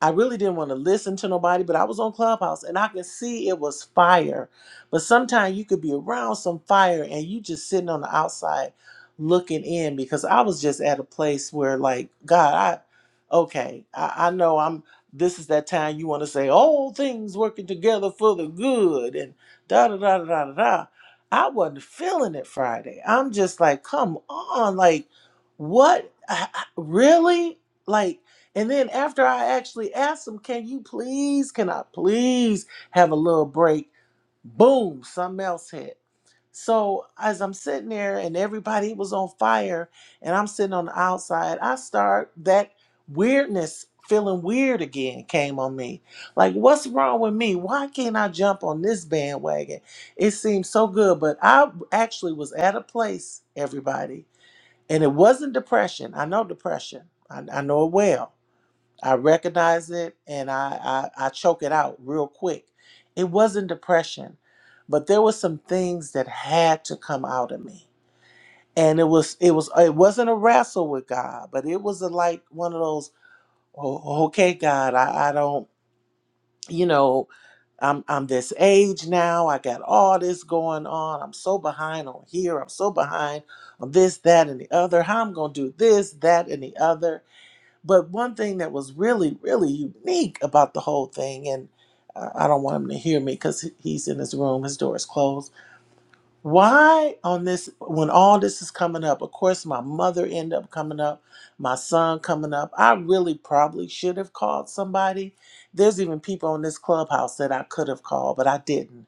D: I really didn't want to listen to nobody, but I was on Clubhouse and I could see it was fire. But sometimes you could be around some fire and you just sitting on the outside looking in because I was just at a place where like, God, I okay, I, I know I'm this is that time you want to say all things working together for the good and da da da da da da. da. I wasn't feeling it Friday. I'm just like, come on, like what I- I- really? Like and then after I actually asked them, can you please, can I please have a little break? Boom, something else hit. So as I'm sitting there and everybody was on fire and I'm sitting on the outside, I start that weirdness, feeling weird again came on me. Like, what's wrong with me? Why can't I jump on this bandwagon? It seems so good, but I actually was at a place, everybody, and it wasn't depression. I know depression. I, I know it well I recognize it and I, I, I choke it out real quick. It wasn't depression, but there were some things that had to come out of me. And it was it was it wasn't a wrestle with God, but it was a, like one of those, oh, okay, God, I, I don't, you know, I'm I'm this age now. I got all this going on. I'm so behind on here. I'm so behind on this, that, and the other. How I'm gonna do this, that, and the other but one thing that was really, really unique about the whole thing, and uh, I don't want him to hear me because he's in his room, his door is closed. Why on this, when all this is coming up, of course, my mother ended up coming up, my son coming up. I really probably should have called somebody. There's even people on this clubhouse that I could have called, but I didn't.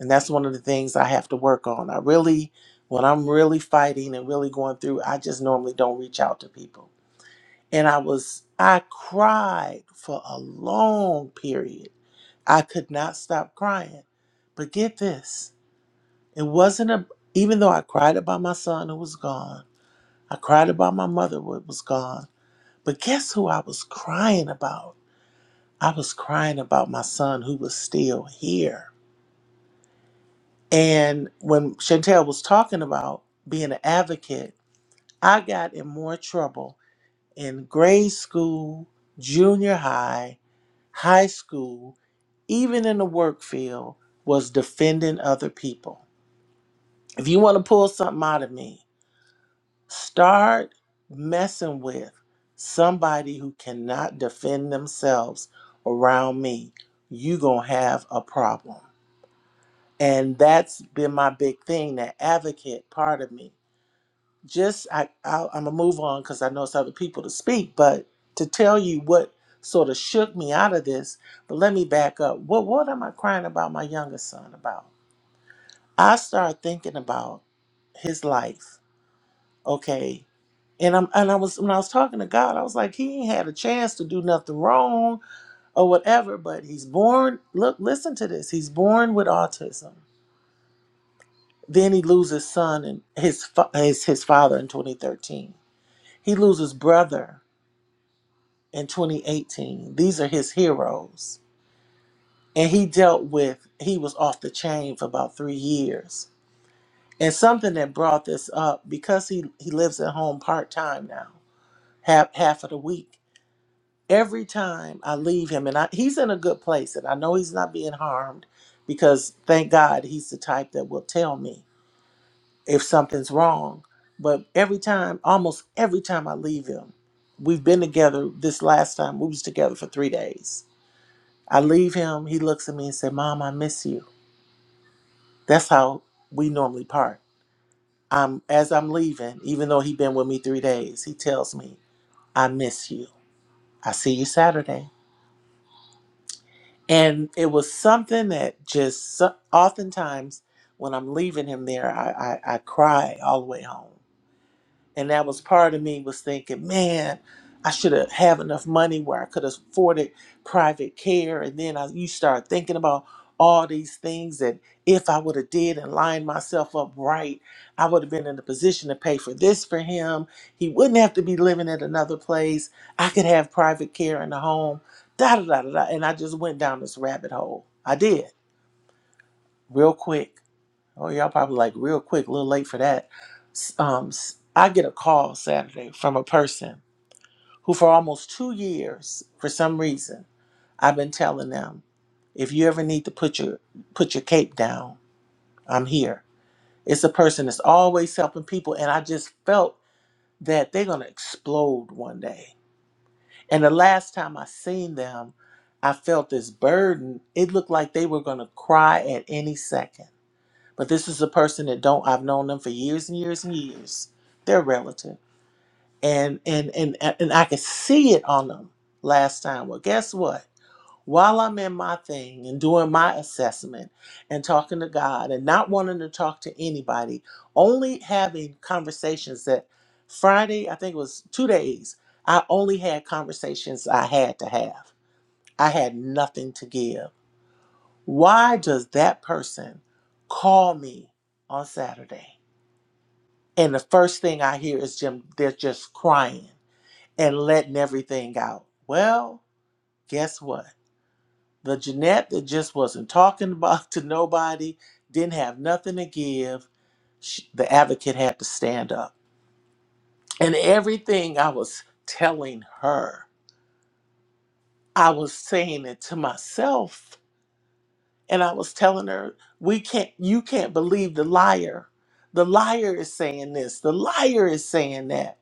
D: And that's one of the things I have to work on. I really, when I'm really fighting and really going through, I just normally don't reach out to people and I was I cried for a long period. I could not stop crying. But get this, it wasn't a even though I cried about my son who was gone, I cried about my mother who was gone. But guess who I was crying about? I was crying about my son who was still here. And when Chantel was talking about being an advocate, I got in more trouble in grade school, junior high, high school even in the work field, was defending other people. If you want to pull something out of me, start messing with somebody who cannot defend themselves around me. You're going to have a problem. And that's been my big thing, that advocate part of me. Just, I, I, I'm going to move on because I know it's other people to speak, but to tell you what sort of shook me out of this, but let me back up. What, what am I crying about my youngest son about? I started thinking about his life, okay? And I'm and I was when I was talking to God, I was like, he ain't had a chance to do nothing wrong or whatever, but he's born. Look, listen to this. He's born with autism. Then he loses son and his fa- his his father in 2013. He loses brother in 2018. These are his heroes. And he dealt with he was off the chain for about 3 years And something that brought this up because he he lives at home part time now, half half of the week. Every time I leave him, and I, he's in a good place, and I know he's not being harmed because thank God he's the type that will tell me if something's wrong. But every time, almost every time I leave him, we've been together. This last time we was together for three days. I leave him. He looks at me and said, "Mom, I miss you." That's how we normally part. I'm as I'm leaving, even though he been with me three days, he tells me, I miss you. I see you Saturday. And it was something that just so- oftentimes when I'm leaving him there, I, I, I cry all the way home. and that was part of me was thinking, man, I should have have enough money where I could have afforded private care, and then I, you start thinking about all these things that if I would have did and lined myself up right, I would have been in a position to pay for this for him. He wouldn't have to be living at another place. I could have private care in the home. Da da da da. da. And I just went down this rabbit hole. I did real quick Oh, y'all probably like real quick, a little late for that. S- Um, s- I get a call Saturday from a person who, for almost two years, for some reason, I've been telling them, if you ever need to put your put your cape down, I'm here. It's a person that's always helping people, and I just felt that they're gonna explode one day. And the last time I seen them, I felt this burden. It looked like they were gonna cry at any second. But this is a person that don't I've known them for years and years and years. They're relative. And and and and I could see it on them last time. Well, guess what? While I'm in my thing and doing my assessment and talking to God and not wanting to talk to anybody, only having conversations that Friday, I think it was two days, I only had conversations I had to have. I had nothing to give. Why does that person call me on Saturday? And the first thing I hear is Jim, they're just crying and letting everything out. Well, guess what? The Jeanette that just wasn't talking about to nobody, didn't have nothing to give, sh the advocate had to stand up. And everything I was telling her, I was saying it to myself. And I was telling her, we can't, you can't believe the liar. The liar is saying this, the liar is saying that.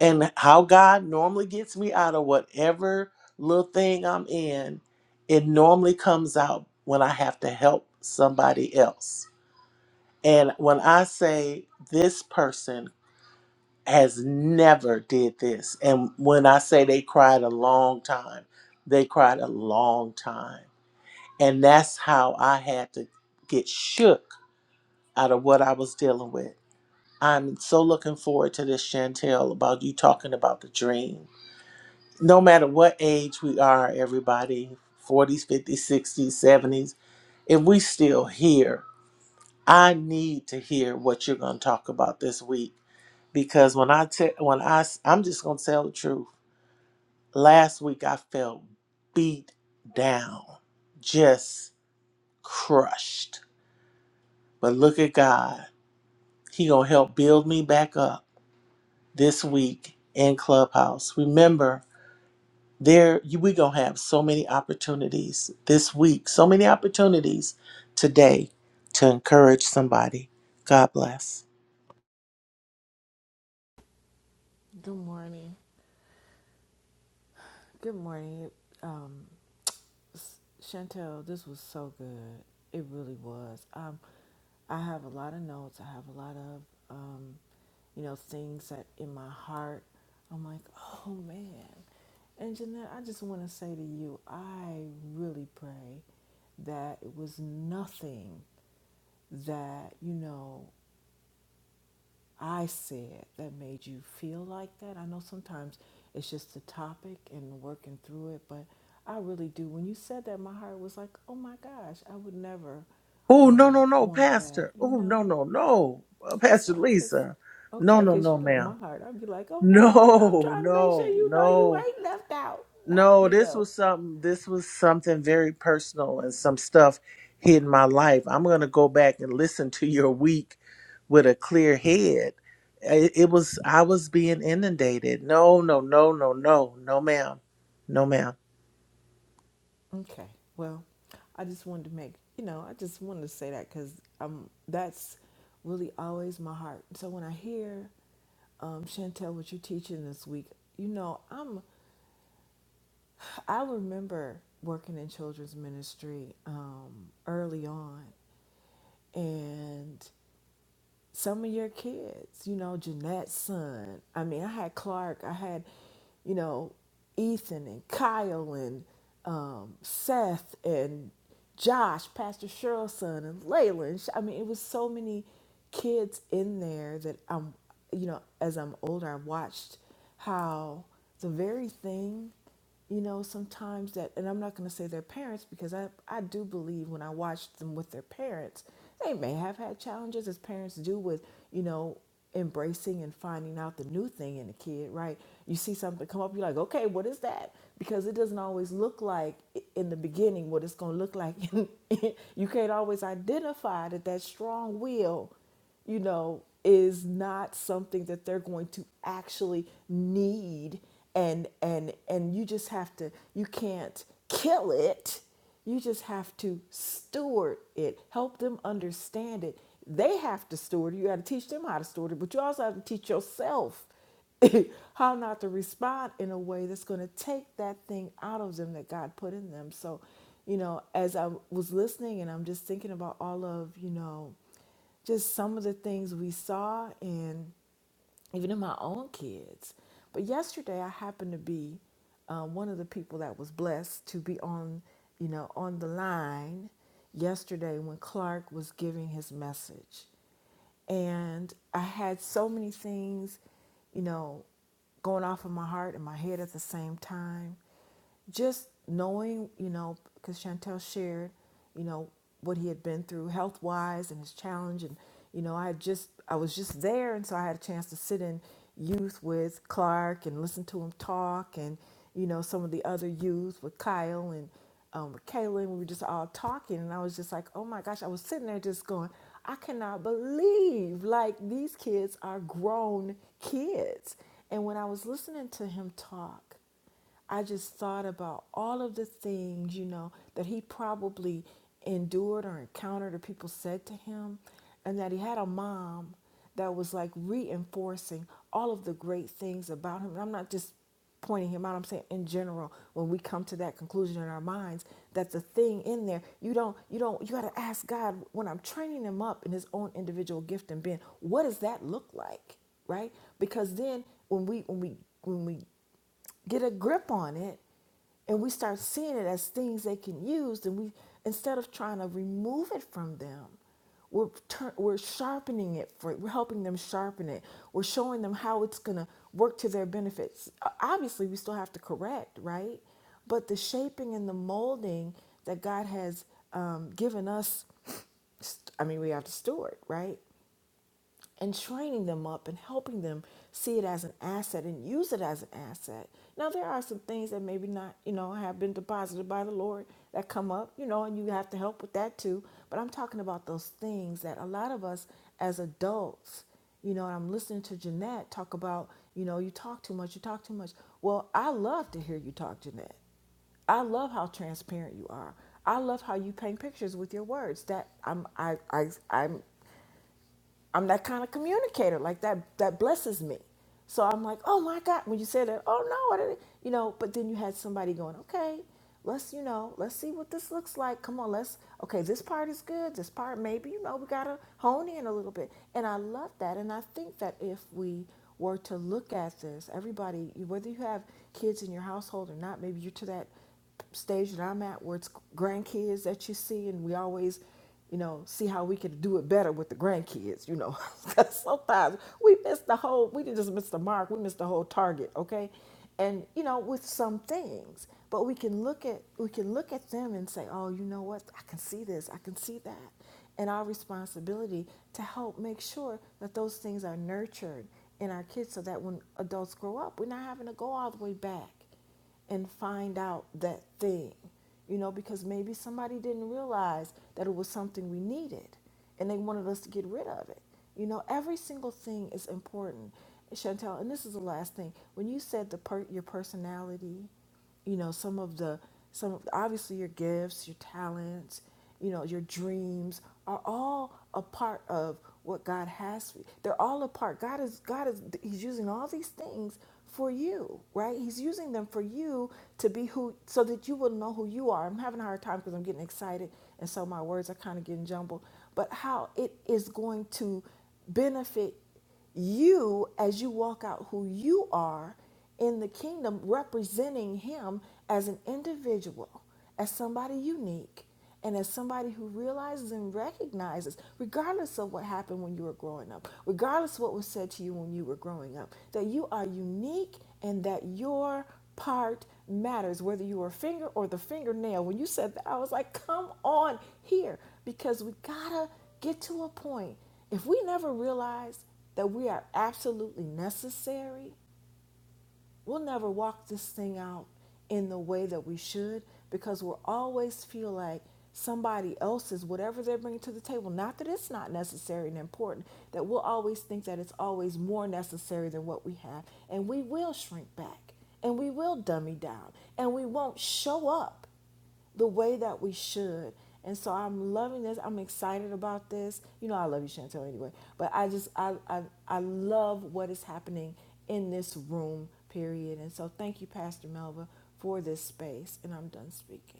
D: and how God normally gets me out of whatever little thing I'm in, it normally comes out when I have to help somebody else. And when I say this person has never did this, and when I say they cried a long time, they cried a long time. And that's how I had to get shook out of what I was dealing with. I'm so looking forward to this, Chantel, about you talking about the dream no matter what age we are, everybody 40s, 50s, 60s, 70s if we still here, I need to hear what you're going to talk about this week because when I te- when I s- I'm just going to tell the truth. Last week I felt beat down, just crushed. But look at God. He going to help build me back up this week in Clubhouse. Remember, there you, we gonna have so many opportunities this week so many opportunities today to encourage somebody god bless
F: Good morning. Good morning. Um, Chantel, this was so good. It really was. Um, I have a lot of notes. I have a lot of, um, you know, things that in my heart, I'm like, oh man. And Jeanette, I just want to say to you, I really pray that it was nothing that, you know, I said that made you feel like that. I know sometimes it's just the topic and working through it, but I really do. When you said that, my heart was like, oh my gosh, I would never
D: oh no
F: um,
D: no no
F: want that,
D: pastor
F: you
D: oh no
F: know?
D: no no Uh,
F: So
D: pastor
F: I just,
D: lisa
F: okay,
D: no no
F: because
D: no
F: you know
D: ma'am
F: my heart, I'd be like, oh no, I'm, I'm
D: no
F: trying to make sure
D: no
F: you know you
D: no
F: ain't left out, Not-
D: No,
F: you
D: this
F: know?
D: was something this was something very personal and some stuff hid in my life. I'm going to go back and listen to your week with a clear head. It, it was I was being inundated. No, no, no, no, no. No ma'am. No ma'am.
F: Okay. Well, I just wanted to make, you know, I just wanted to say that because um, that's really always my heart. So when I hear um, Chantel, what you're teaching this week, you know, I'm, I remember working in children's ministry um, early on, and some of your kids, you know, Jeanette's son. I mean, I had Clark, I had, you know, Ethan and Kyle and um, Seth and Josh, Pastor Cheryl's son, and Layla. And sh- I mean, it was so many kids in there that I'm, you know, as I'm older, I watched how the very thing you know sometimes that and i'm not going to say their parents because I, I do believe when i watched them with their parents they may have had challenges as parents do with you know embracing and finding out the new thing in a kid right you see something come up you're like okay what is that because it doesn't always look like i- in the beginning what it's going to look like you can't always identify that that strong will you know, is not something that they're going to actually need and and and you just have to you can't kill it. You just have to steward it, help them understand it. They have to steward it. You got to teach them how to steward it, but you also have to teach yourself how not to respond in a way that's going to take that thing out of them that God put in them. So, you know, as I was listening and I'm just thinking about all of, you know, just some of the things we saw and even in my own kids. But yesterday I happened to be um, one of the people that was blessed to be on, you know, on the line yesterday when Clark was giving his message. And I had so many things, you know going off of my heart and my head at the same time. Just knowing, you know, because Chantel shared, you know, what he had been through health wise and his challenge. And, you know, I had just, I was just there. And so I had a chance to sit in youth with Clark and listen to him talk and, you know, some of the other youth with Kyle and um, with Kaylin. We were just all talking. And I was just like, oh my gosh, I was sitting there just going, I cannot believe like these kids are grown kids. And when I was listening to him talk, I just thought about all of the things, you know, that he probably endured or encountered or people said to him, and that he had a mom that was like reinforcing all of the great things about him. And I'm not just pointing him out. I'm saying in general, when we come to that conclusion in our minds, that the thing in there, you don't, you don't, you got to ask God when I'm training him up in his own individual gift and being, what does that look like, right? Because then when we, when we, when we get a grip on it and we start seeing it as things they can use and we instead of trying to remove it from them we're, tur we're sharpening it for we're helping them sharpen it we're showing them how it's going to work to their benefits obviously we still have to correct right but the shaping and the molding that god has um, given us i mean we have to steward right and training them up and helping them see it as an asset and use it as an asset. Now there are some things that maybe not, you know, have been deposited by the Lord that come up, you know, and you have to help with that too. But I'm talking about those things that a lot of us as adults, you know, and I'm listening to Jeanette talk about, you know, you talk too much, you talk too much. Well, I love to hear you talk, Jeanette. I love how transparent you are. I love how you paint pictures with your words. That I'm I I I'm I'm that kind of communicator. Like that that blesses me. So I'm like, oh my God, when you said that, oh no, I didn't, you know, but then you had somebody going, okay, let's, you know, let's see what this looks like. Come on, let's, okay, this part is good. This part, maybe, you know, we got to hone in a little bit. And I love that. And I think that if we were to look at this, everybody, whether you have kids in your household or not, maybe you're to that stage that I'm at where it's grandkids that you see, and we always, you know, see how we could do it better with the grandkids, you know. 'Cause sometimes we miss the whole, we just miss the mark, we miss the whole target, okay? And you know, with some things, but we can look at we can look at them and say, oh, you know what? I can see this, I can see that, and our responsibility to help make sure that those things are nurtured in our kids, so that when adults grow up, we're not having to go all the way back and find out that thing, you know, because maybe somebody didn't realize that it was something we needed and they wanted us to get rid of it. You know, every single thing is important, Chantel. And this is the last thing when you said the per- your personality you know some of the some of, obviously your gifts your talents you know your dreams are all a part of what god has for you they're all a part god is god is he's using all these things for you right he's using them for you to be who so that you will know who you are i'm having a hard time because i'm getting excited and so my words are kind of getting jumbled but how it is going to benefit you as you walk out who you are in the kingdom representing him as an individual as somebody unique and as somebody who realizes and recognizes regardless of what happened when you were growing up regardless of what was said to you when you were growing up that you are unique and that your part matters whether you are a finger or the fingernail when you said that i was like come on here because we gotta get to a point if we never realize that we are absolutely necessary, we'll never walk this thing out in the way that we should because we'll always feel like somebody else's, whatever they're bringing to the table, not that it's not necessary and important, that we'll always think that it's always more necessary than what we have. And we will shrink back and we will dummy down and we won't show up the way that we should. And so I'm loving this. I'm excited about this. You know, I love you, Chantel, anyway. But I just, I, I, I love what is happening in this room, period. And so thank you, Pastor Melva, for this space. And I'm done speaking.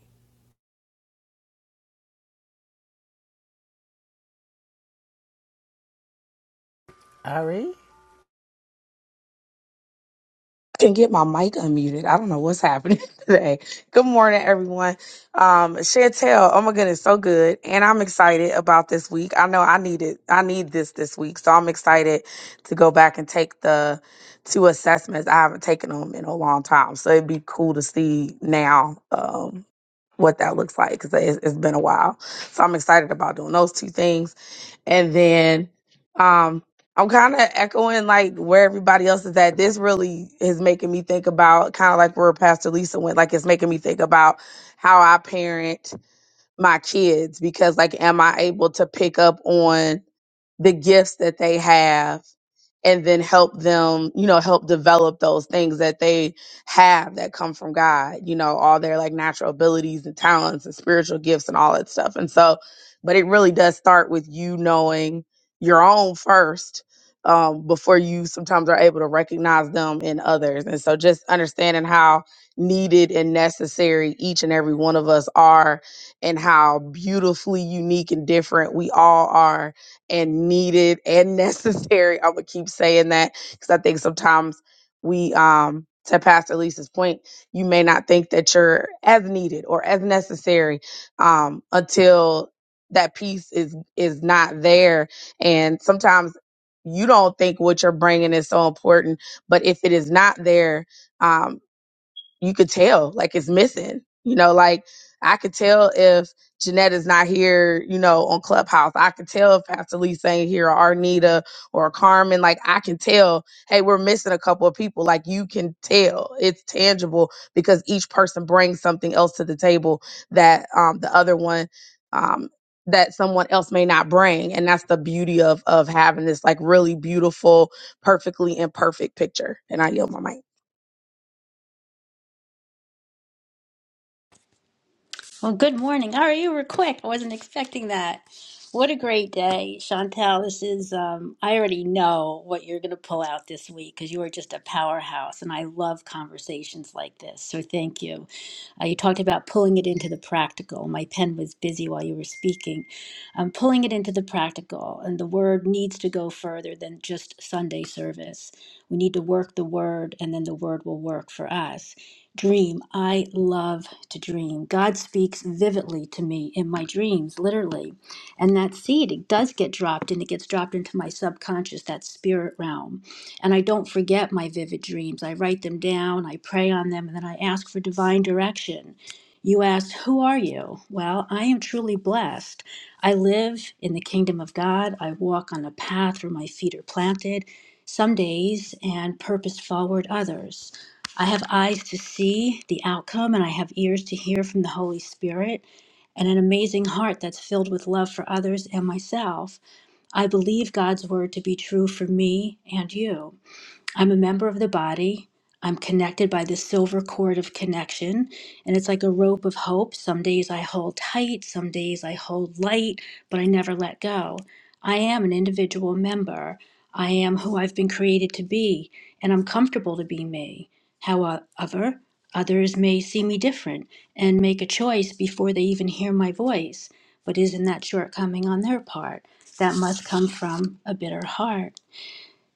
G: can get my mic unmuted. I don't know what's happening today. Good morning, everyone. Um, Chantel, oh my goodness, so good. And I'm excited about this week. I know I need it. I need this this week. So I'm excited to go back and take the two assessments. I haven't taken them in a long time. So it'd be cool to see now. Um, what that looks like because it's, it's been a while. So I'm excited about doing those two things. And then um, I'm kind of echoing like where everybody else is at. This really is making me think about kind of like where Pastor Lisa went, like it's making me think about how I parent my kids because like am I able to pick up on the gifts that they have and then help them, you know, help develop those things that they have that come from God, you know, all their like natural abilities and talents and spiritual gifts and all that stuff. And so, but it really does start with you knowing your own first um, before you sometimes are able to recognize them in others. And so just understanding how needed and necessary each and every one of us are and how beautifully unique and different we all are and needed and necessary. I'm gonna keep saying that because I think sometimes we, um, to Pastor Lisa's point, you may not think that you're as needed or as necessary um, until that piece is is not there, and sometimes you don't think what you're bringing is so important, but if it is not there. Um, you could tell like it's missing. You know, like I could tell if Jeanette is not here, you know, on Clubhouse. I could tell if Pastor Lee's ain't here or Arnita or Carmen. Like I can tell, hey, we're missing a couple of people. Like you can tell. It's tangible because each person brings something else to the table that um the other one um that someone else may not bring. And that's the beauty of of having this like really beautiful, perfectly imperfect picture. And I yield my mic.
C: Well, good morning. All right, you were quick. I wasn't expecting that. What a great day, Chantel. This is, um, I already know what you're going to pull out this week because you are just a powerhouse, and I love conversations like this. So thank you. Uh, you talked about pulling it into the practical. My pen was busy while you were speaking. Um, pulling it into the practical, and the word needs to go further than just Sunday service. We need to work the word, and then the word will work for us dream. I love to dream. God speaks vividly to me in my dreams, literally. And that seed, it does get dropped and it gets dropped into my subconscious, that spirit realm. And I don't forget my vivid dreams. I write them down, I pray on them, and then I ask for divine direction. You asked, Who are you? Well, I am truly blessed. I live in the kingdom of God. I walk on a path where my feet are planted some days and purpose forward others. I have eyes to see the outcome, and I have ears to hear from the Holy Spirit, and an amazing heart that's filled with love for others and myself. I believe God's word to be true for me and you. I'm a member of the body. I'm connected by the silver cord of connection. And it's like a rope of hope. Some days I hold tight, some days I hold light, but I never let go. I am an individual member. I am who I've been created to be, and I'm comfortable to be me. However, others may see me different and make a choice before they even hear my voice. But isn't that shortcoming on their part? That must come from a bitter heart.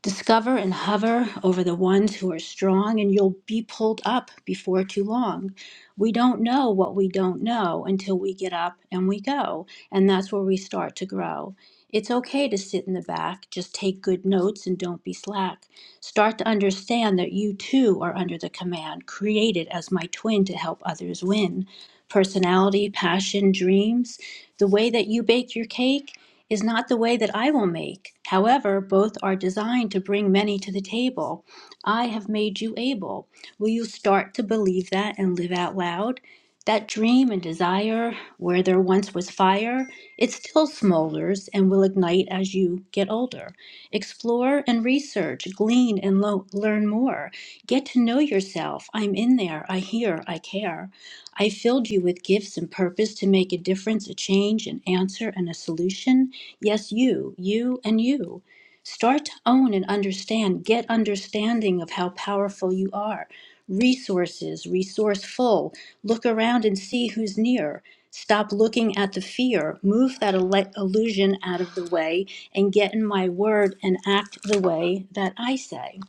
C: Discover and hover over the ones who are strong, and you'll be pulled up before too long. We don't know what we don't know until we get up and we go, and that's where we start to grow. It's okay to sit in the back, just take good notes and don't be slack. Start to understand that you too are under the command, created as my twin to help others win. Personality, passion, dreams, the way that you bake your cake is not the way that I will make. However, both are designed to bring many to the table. I have made you able. Will you start to believe that and live out loud? That dream and desire, where there once was fire, it still smolders and will ignite as you get older. Explore and research, glean and lo- learn more. Get to know yourself. I'm in there. I hear. I care. I filled you with gifts and purpose to make a difference, a change, an answer, and a solution. Yes, you, you, and you. Start to own and understand. Get understanding of how powerful you are. Resources, resourceful. Look around and see who's near. Stop looking at the fear. Move that ele- illusion out of the way and get in my word and act the way that I say.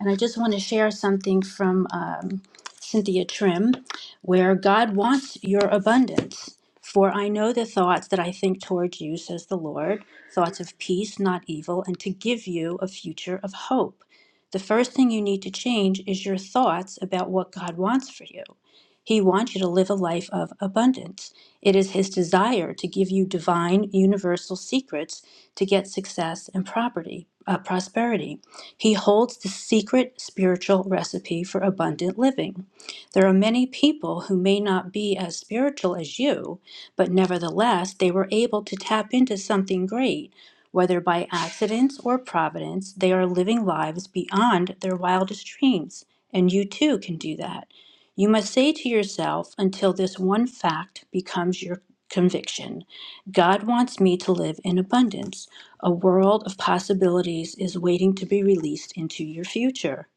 C: And I just want to share something from um, Cynthia Trim where God wants your abundance. For I know the thoughts that I think towards you, says the Lord, thoughts of peace, not evil, and to give you a future of hope. The first thing you need to change is your thoughts about what God wants for you. He wants you to live a life of abundance. It is His desire to give you divine, universal secrets to get success and property, uh, prosperity. He holds the secret spiritual recipe for abundant living. There are many people who may not be as spiritual as you, but nevertheless, they were able to tap into something great. Whether by accident or providence, they are living lives beyond their wildest dreams, and you too can do that. You must say to yourself until this one fact becomes your conviction God wants me to live in abundance. A world of possibilities is waiting to be released into your future.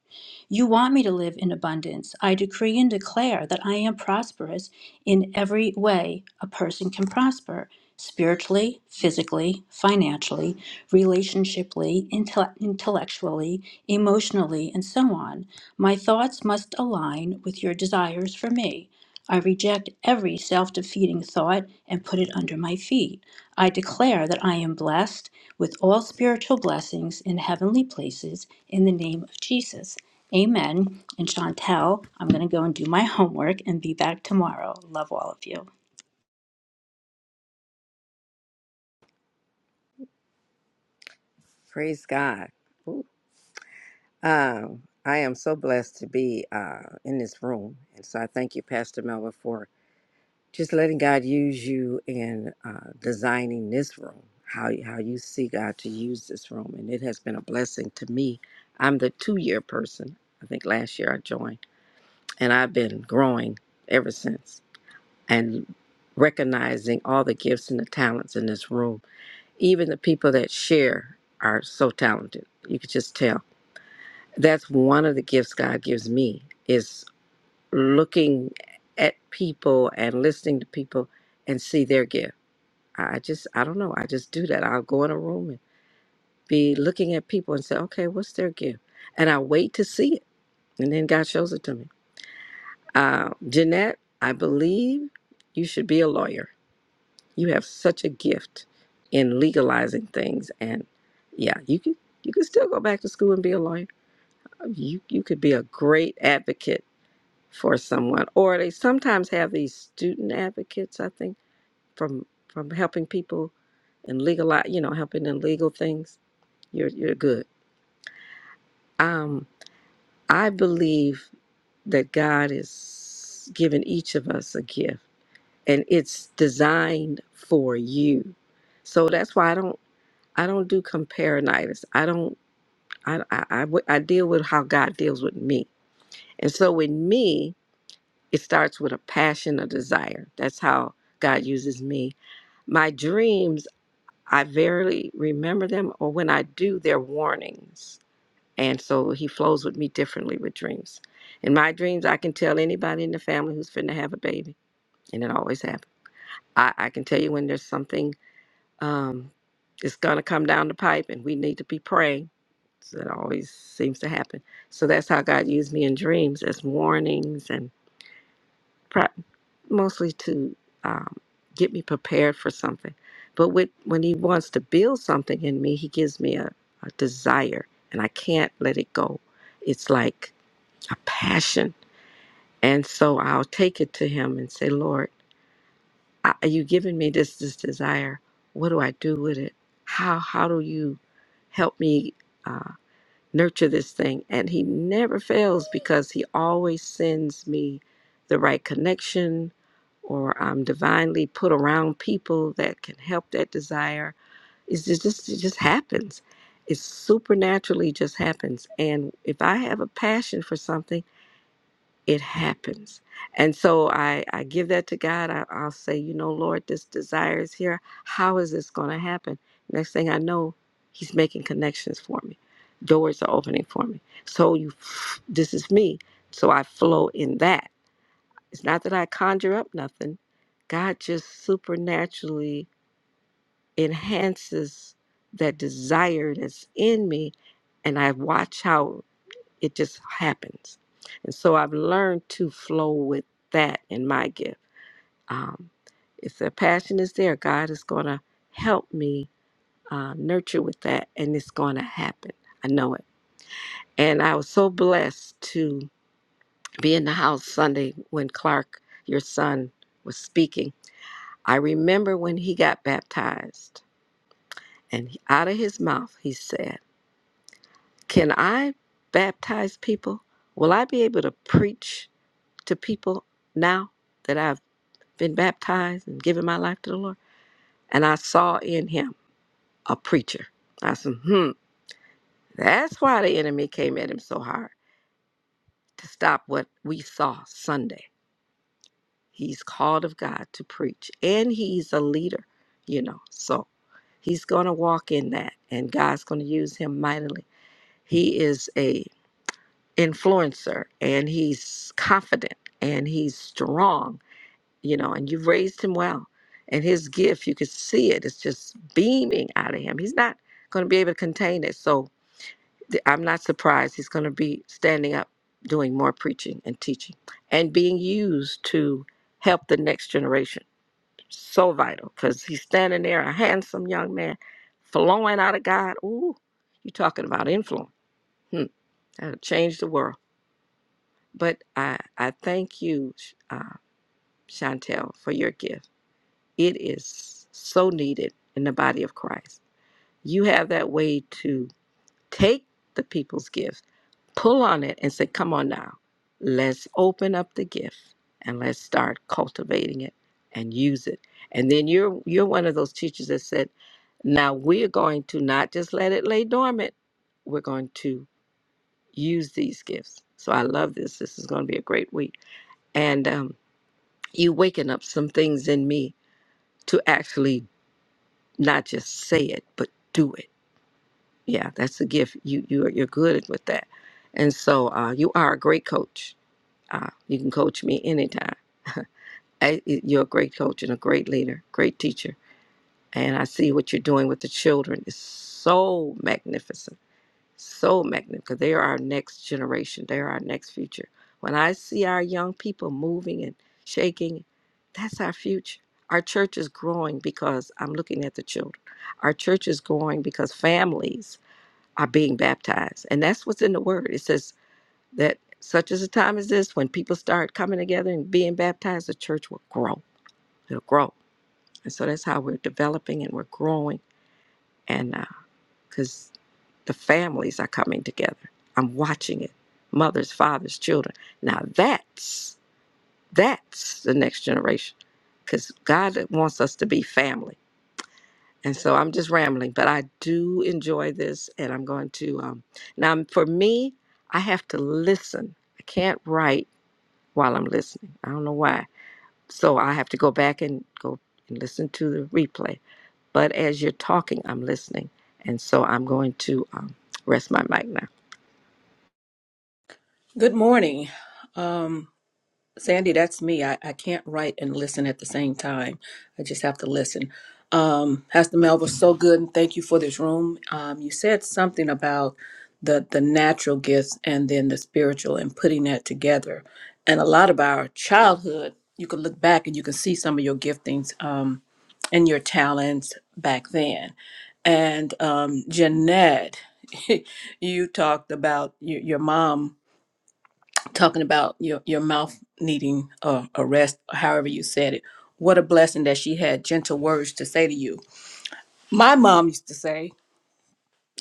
C: You want me to live in abundance. I decree and declare that I am prosperous in every way a person can prosper spiritually, physically, financially, relationshiply, intell- intellectually, emotionally, and so on. My thoughts must align with your desires for me. I reject every self defeating thought and put it under my feet. I declare that I am blessed with all spiritual blessings in heavenly places in the name of Jesus. Amen. And Chantel, I'm going to go and do my homework and be back tomorrow. Love all of you.
H: Praise God. Ooh. Um, I am so blessed to be uh, in this room. And so I thank you, Pastor Melba, for just letting God use you in uh, designing this room, how, how you see God to use this room. And it has been a blessing to me. I'm the two year person. I think last year I joined, and I've been growing ever since and recognizing all the gifts and the talents in this room. Even the people that share are so talented. You could just tell that's one of the gifts God gives me is looking at people and listening to people and see their gift. I I just I don't know. I just do that. I'll go in a room and be looking at people and say, okay, what's their gift? And I wait to see it, and then God shows it to me. Uh, Jeanette, I believe you should be a lawyer. You have such a gift in legalizing things, and yeah, you could you could still go back to school and be a lawyer. You you could be a great advocate for someone or they sometimes have these student advocates i think from from helping people in legal you know helping in legal things you're you're good um i believe that god is giving each of us a gift and it's designed for you so that's why i don't i don't do comparinitis i don't i i, I, w- I deal with how god deals with me and so with me it starts with a passion, a desire. That's how God uses me. My dreams, I verily remember them, or when I do, they're warnings. And so he flows with me differently with dreams. In my dreams, I can tell anybody in the family who's finna have a baby, and it always happens. I, I can tell you when there's something um, that's gonna come down the pipe, and we need to be praying. So that always seems to happen. So that's how God used me in dreams as warnings and mostly to um, get me prepared for something. But with, when he wants to build something in me, he gives me a, a desire, and I can't let it go. It's like a passion. And so I'll take it to him and say, Lord, I, you giving me this, this desire. What do I do with it? How, how do you help me? uh, nurture this thing. And he never fails because he always sends me the right connection or I'm divinely put around people that can help that desire. It's just, just it just happens. It supernaturally just happens. And if I have a passion for something, it happens. And so I, I give that to God. I, I'll say, you know, Lord, this desire is here. How is this going to happen? Next thing I know, He's making connections for me. Doors are opening for me. So you, this is me. So I flow in that. It's not that I conjure up nothing. God just supernaturally enhances that desire that's in me, and I watch how. It just happens. And so I've learned to flow with that in my gift. Um, if the passion is there, God is going to help me uh, nurture with that, and it's going to happen. I know it. And I was so blessed to be in the house Sunday when Clark, your son, was speaking. I remember when he got baptized, and he- out of his mouth, he said, Can I baptize people? Will I be able to preach? to people now that I've been baptized and given my life to the Lord. And I saw in him a preacher. I said, hmm, that's why the enemy came at him so hard to stop what we saw Sunday. He's called of God to preach and he's a leader, you know. So he's going to walk in that and God's going to use him mightily. He is a influencer and he's confident and he's strong you know, and you've raised him well. And his gift, you could see it, it's just beaming out of him. He's not going to be able to contain it. So th- I'm not surprised he's going to be standing up, doing more preaching and teaching and being used to help the next generation. So vital because he's standing there, a handsome young man, flowing out of God. Ooh, you talking about influence. Hmm, that'll change the world. But I, I thank you, Sh- uh, Chantel, for your gift It is so needed in the body of Christ. You have that way to take the people's gifts, pull on it, and say, Come on now, let's open up the gift and let's start cultivating it and use it. And then you're you're one of those teachers that said, Now we're going to not just let it lay dormant, we're going to use these gifts. So I love this. This is going to be a great week. And um, you waking up some things in me to actually not just say it but do it yeah that's a gift you you're, you're good with that and so uh, you are a great coach uh, you can coach me anytime I, you're a great coach and a great leader great teacher and i see what you're doing with the children is so magnificent so magnificent because they are our next generation. They are our next future. When I see our young people moving and shaking, that's our future. Our church is growing because I'm looking at the children. Our church is growing because families are being baptized. And that's what's in the word. It says that such as a time as this, when people start coming together and being baptized, the church will grow. It'll grow. And so that's how we're developing and we're growing. And uh, because the families are coming together. I'm watching it. Mothers, fathers, children. Now that's that's the next generation because God wants us to be family. And so I'm just rambling, but I do enjoy this, and I'm going to um, now. For me, I have to listen. I can't write while I'm listening. I don't know why. So I have to go back and go and listen to the replay. But as you're talking, I'm listening, and so I'm going to um, rest my mic now.
I: Good morning. Um, Sandy, that's me. I, I can't write and listen at the same time. I just have to listen. Um, Pastor Mel was so good, and thank you for this room. Um, you said something about the the natural gifts and then the spiritual and putting that together. And a lot of our childhood, you can look back and you can see some of your giftings um, and your talents back then. And um, Jeanette, you talked about your, your mom talking about your, your mouth needing uh, a rest, however you said it. What a blessing that she had gentle words to say to you. My mom used to say,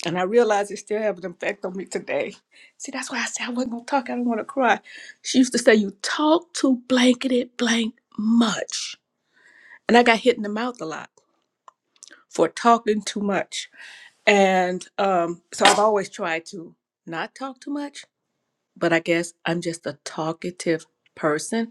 I: and I realize it still have an effect on me today. See, that's why I said I wasn't gonna talk. I don't want to cry. She used to say, "You talk too blanketed blank much," and I got hit in the mouth a lot for talking too much. And um, so I've always tried to not talk too much but I guess I'm just a talkative person.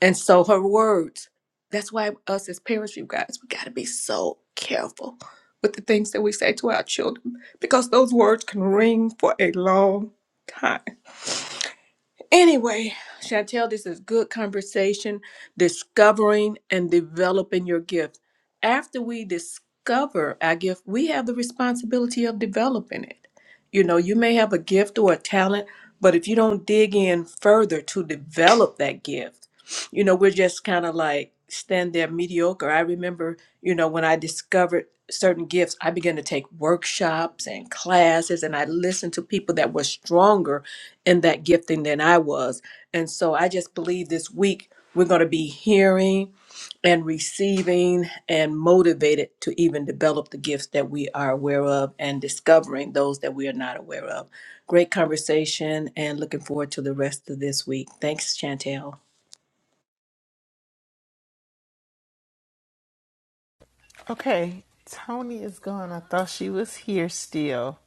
I: And so her words, that's why us as parents, you guys, we got to be so careful with the things that we say to our children because those words can ring for a long time. Anyway, Chantel, this is good conversation, discovering and developing your gift. After we discover our gift, we have the responsibility of developing it. You know, you may have a gift or a talent, but if you don't dig in further to develop that gift, you know, we're just kind of like stand there mediocre. I remember, you know, when I discovered certain gifts, I began to take workshops and classes and I listened to people that were stronger in that gifting than I was. And so I just believe this week we're going to be hearing and receiving and motivated to even develop the gifts that we are aware of and discovering those that we are not aware of. Great conversation and looking forward to the rest of this week. Thanks, Chantel.
B: Okay, Tony is gone. I thought she was here still.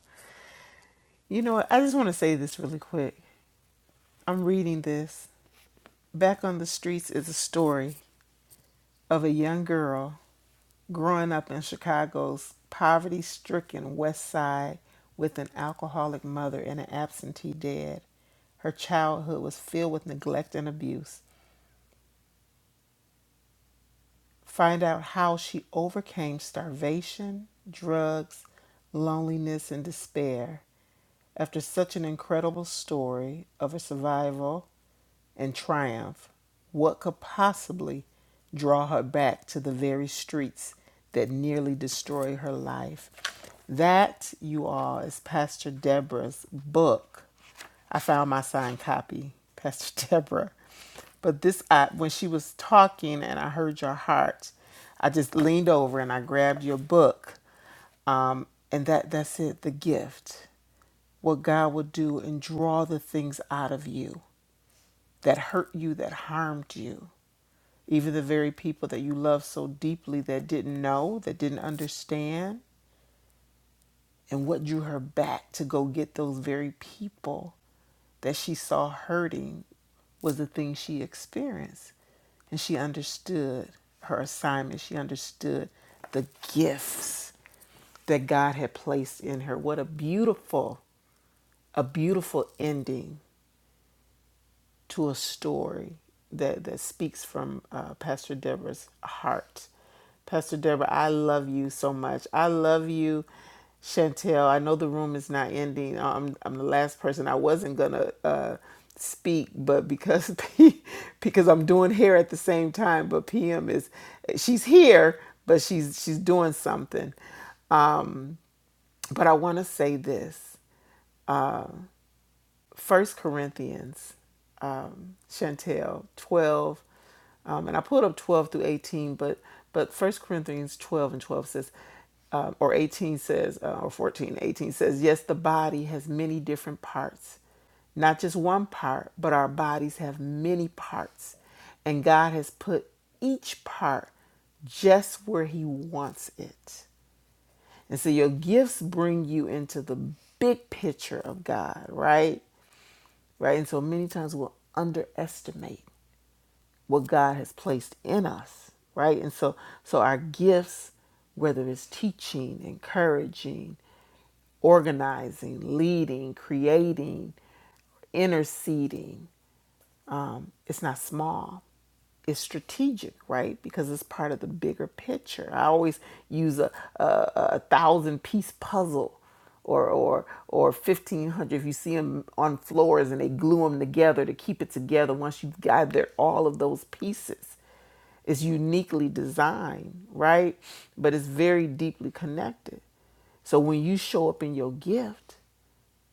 B: You know what? I just want to say this really quick. I'm reading this. Back on the Streets is a story of a young girl growing up in Chicago's poverty stricken West Side with an alcoholic mother and an absentee dad. Her childhood was filled with neglect and abuse. Find out how she overcame starvation, drugs, loneliness, and despair. after such an incredible story of a survival and triumph, what could possibly draw her back to the very streets that nearly destroy her life? That, you all, is Pastor Deborah's book. I found my signed copy, Pastor Deborah. But this, I, when she was talking and I heard your heart, I just leaned over and I grabbed your book. Um, and that, that's it, the gift what God will do and draw the things out of you that hurt you, that harmed you. Even the very people that you love so deeply that didn't know, that didn't understand, and what drew her back to go get those very people that she saw hurting was the thing she experienced. And she understood her assignment, she understood the gifts that God had placed in her. What a beautiful a beautiful ending to a story that, that speaks from uh, Pastor Deborah's heart. Pastor Deborah, I love you so much. I love you, Chantel. I know the room is not ending. Uh, I'm, I'm the last person. I wasn't going to uh, speak, but because because I'm doing hair at the same time, but PM is, she's here, but she's she's doing something. But I want to say this. First Corinthians, um, Chantel twelve, um, and I pulled up twelve through eighteen, but but First Corinthians twelve and twelve says, um, or eighteen says, uh, or 14, 18 says, yes, the body has many different parts, not just one part, but our bodies have many parts, and God has put each part just where He wants it. And so your gifts bring you into the big picture of God, right? right? And so many times we'll underestimate what God has placed in us, right? And so so our gifts, whether it's teaching, encouraging, organizing, leading, creating, interceding, um, it's not small it's strategic right because it's part of the bigger picture i always use a, a, a thousand piece puzzle or or or 1500 if you see them on floors and they glue them together to keep it together once you've gathered all of those pieces it's uniquely designed right but it's very deeply connected so when you show up in your gift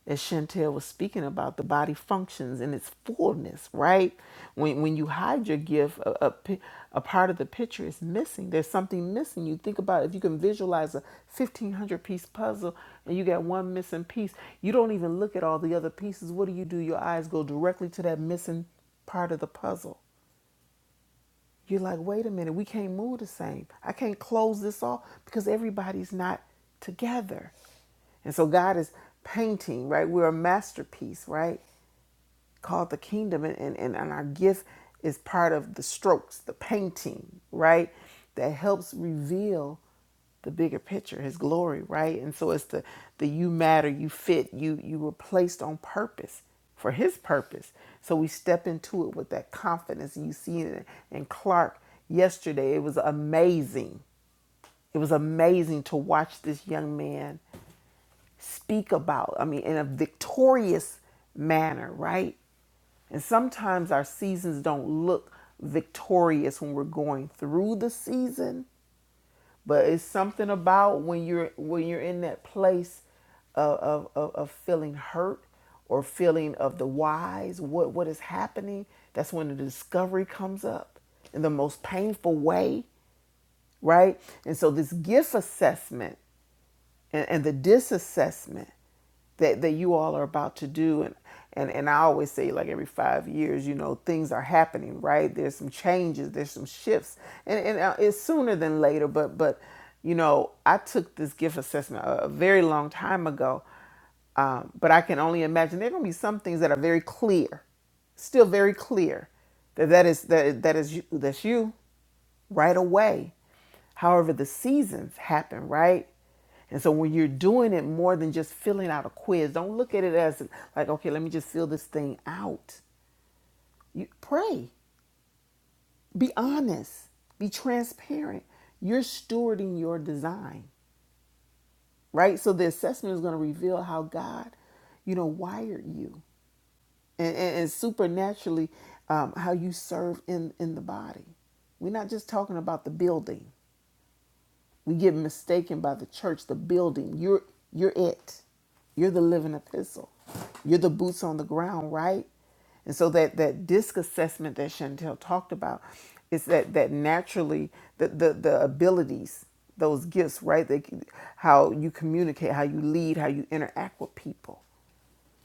B: as Chantel was speaking about, the body functions in its fullness, right? When when you hide your gift, a, a, pi- a part of the picture is missing. There's something missing. You think about it, if you can visualize a 1500 piece puzzle and you got one missing piece, you don't even look at all the other pieces. What do you do? Your eyes go directly to that missing part of the puzzle. You're like, wait a minute, we can't move the same. I can't close this off because everybody's not together. And so God is painting, right? We're a masterpiece, right? called the kingdom and, and, and our gift is part of the strokes the painting right that helps reveal the bigger picture his glory right and so it's the the you matter you fit you you were placed on purpose for his purpose so we step into it with that confidence you see it in clark yesterday it was amazing it was amazing to watch this young man speak about, I mean, in a victorious manner, right? And sometimes our seasons don't look victorious when we're going through the season, but it's something about when you're when you're in that place of of, of, feeling hurt or feeling of the whys, what what is happening. That's when the discovery comes up in the most painful way, right? And so this gift assessment and, and the disassessment that, that you all are about to do and, and and I always say like every five years you know things are happening right there's some changes there's some shifts and, and uh, it's sooner than later but but you know I took this gift assessment a, a very long time ago um, but I can only imagine there are going to be some things that are very clear still very clear that that is that that is you that's you right away. However, the seasons happen, right? And so when you're doing it more than just filling out a quiz, don't look at it as like, okay, let me just fill this thing out. You pray. Be honest. Be transparent. You're stewarding your design, right? So the assessment is going to reveal how God, you know, wired you and, and, and supernaturally um, how you serve in, in the body. We're not just talking about the building. We get mistaken by the church, the building. You're you're it. You're the living epistle. You're the boots on the ground, right? And so that that disc assessment that Chantel talked about is that that naturally the the, the abilities, those gifts, right? They, how you communicate, how you lead, how you interact with people.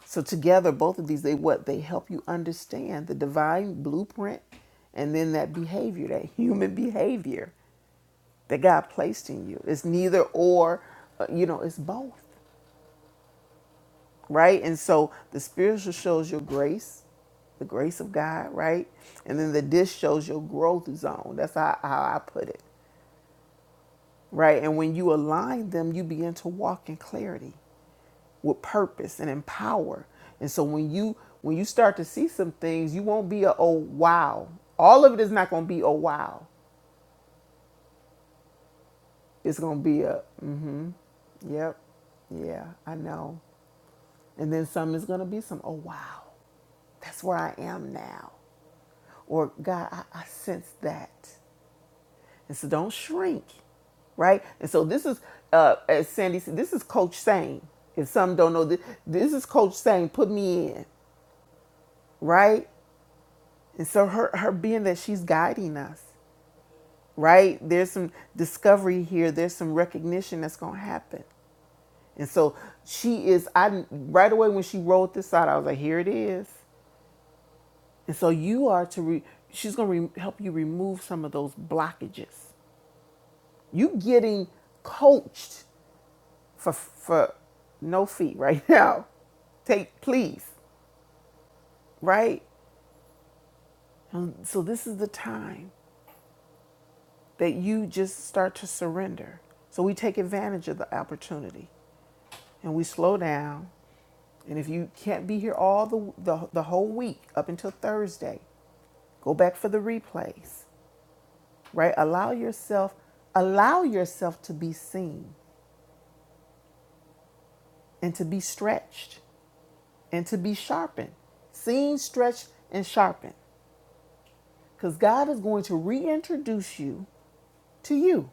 B: So together, both of these, they what they help you understand the divine blueprint, and then that behavior, that human behavior that God placed in you. It's neither or, uh, you know, it's both, right? And so the spiritual shows your grace, the grace of God, right? And then the dish shows your growth zone. That's how, how I put it, right? And when you align them, you begin to walk in clarity with purpose and empower. And so when you when you start to see some things, you won't be a oh wow. All of it is not going to be oh wow. It's going to be a mm, yep, yeah, I know. And then some is going to be some, oh, wow, that's where I am now. Or, God, I, I sense that. And so don't shrink, right? And so this is, uh, as Sandy said, this is Coach saying. If some don't know this, this is Coach saying, put me in, right? And so her, her being that she's guiding us, right? There's some discovery here, there's some recognition that's going to happen. And so she is, I right away when she rolled this out, I was like, here it is. And so you are to, re- she's going to re- help you remove some of those blockages. You getting coached for, for no fee right now. Take, please, right? And so this is the time that you just start to surrender. So we take advantage of the opportunity and we slow down. And if you can't be here all the, the, the whole week up until Thursday, go back for the replays right? Allow yourself, allow yourself to be seen and to be stretched and to be sharpened. Seen, stretched, and sharpened. Because God is going to reintroduce you to you.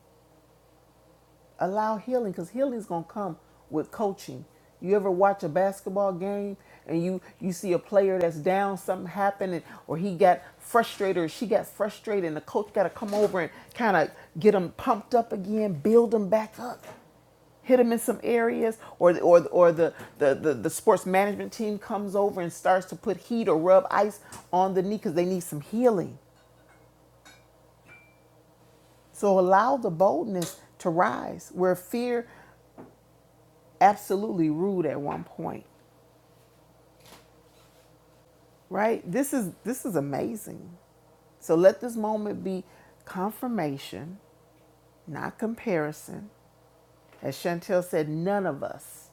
B: Allow healing, because healing is going to come with coaching. You ever watch a basketball game and you you see a player that's down, something happened, and, or he got frustrated, or she got frustrated, and the coach got to come over and kind of get them pumped up again, build them back up. hit them in some areas or or or the the, the the sports management team comes over and starts to put heat or rub ice on the knee because they need some healing so allow the boldness to rise where fear absolutely ruled at one point right this is this is amazing so let this moment be confirmation, not comparison. As Chantel said, none of us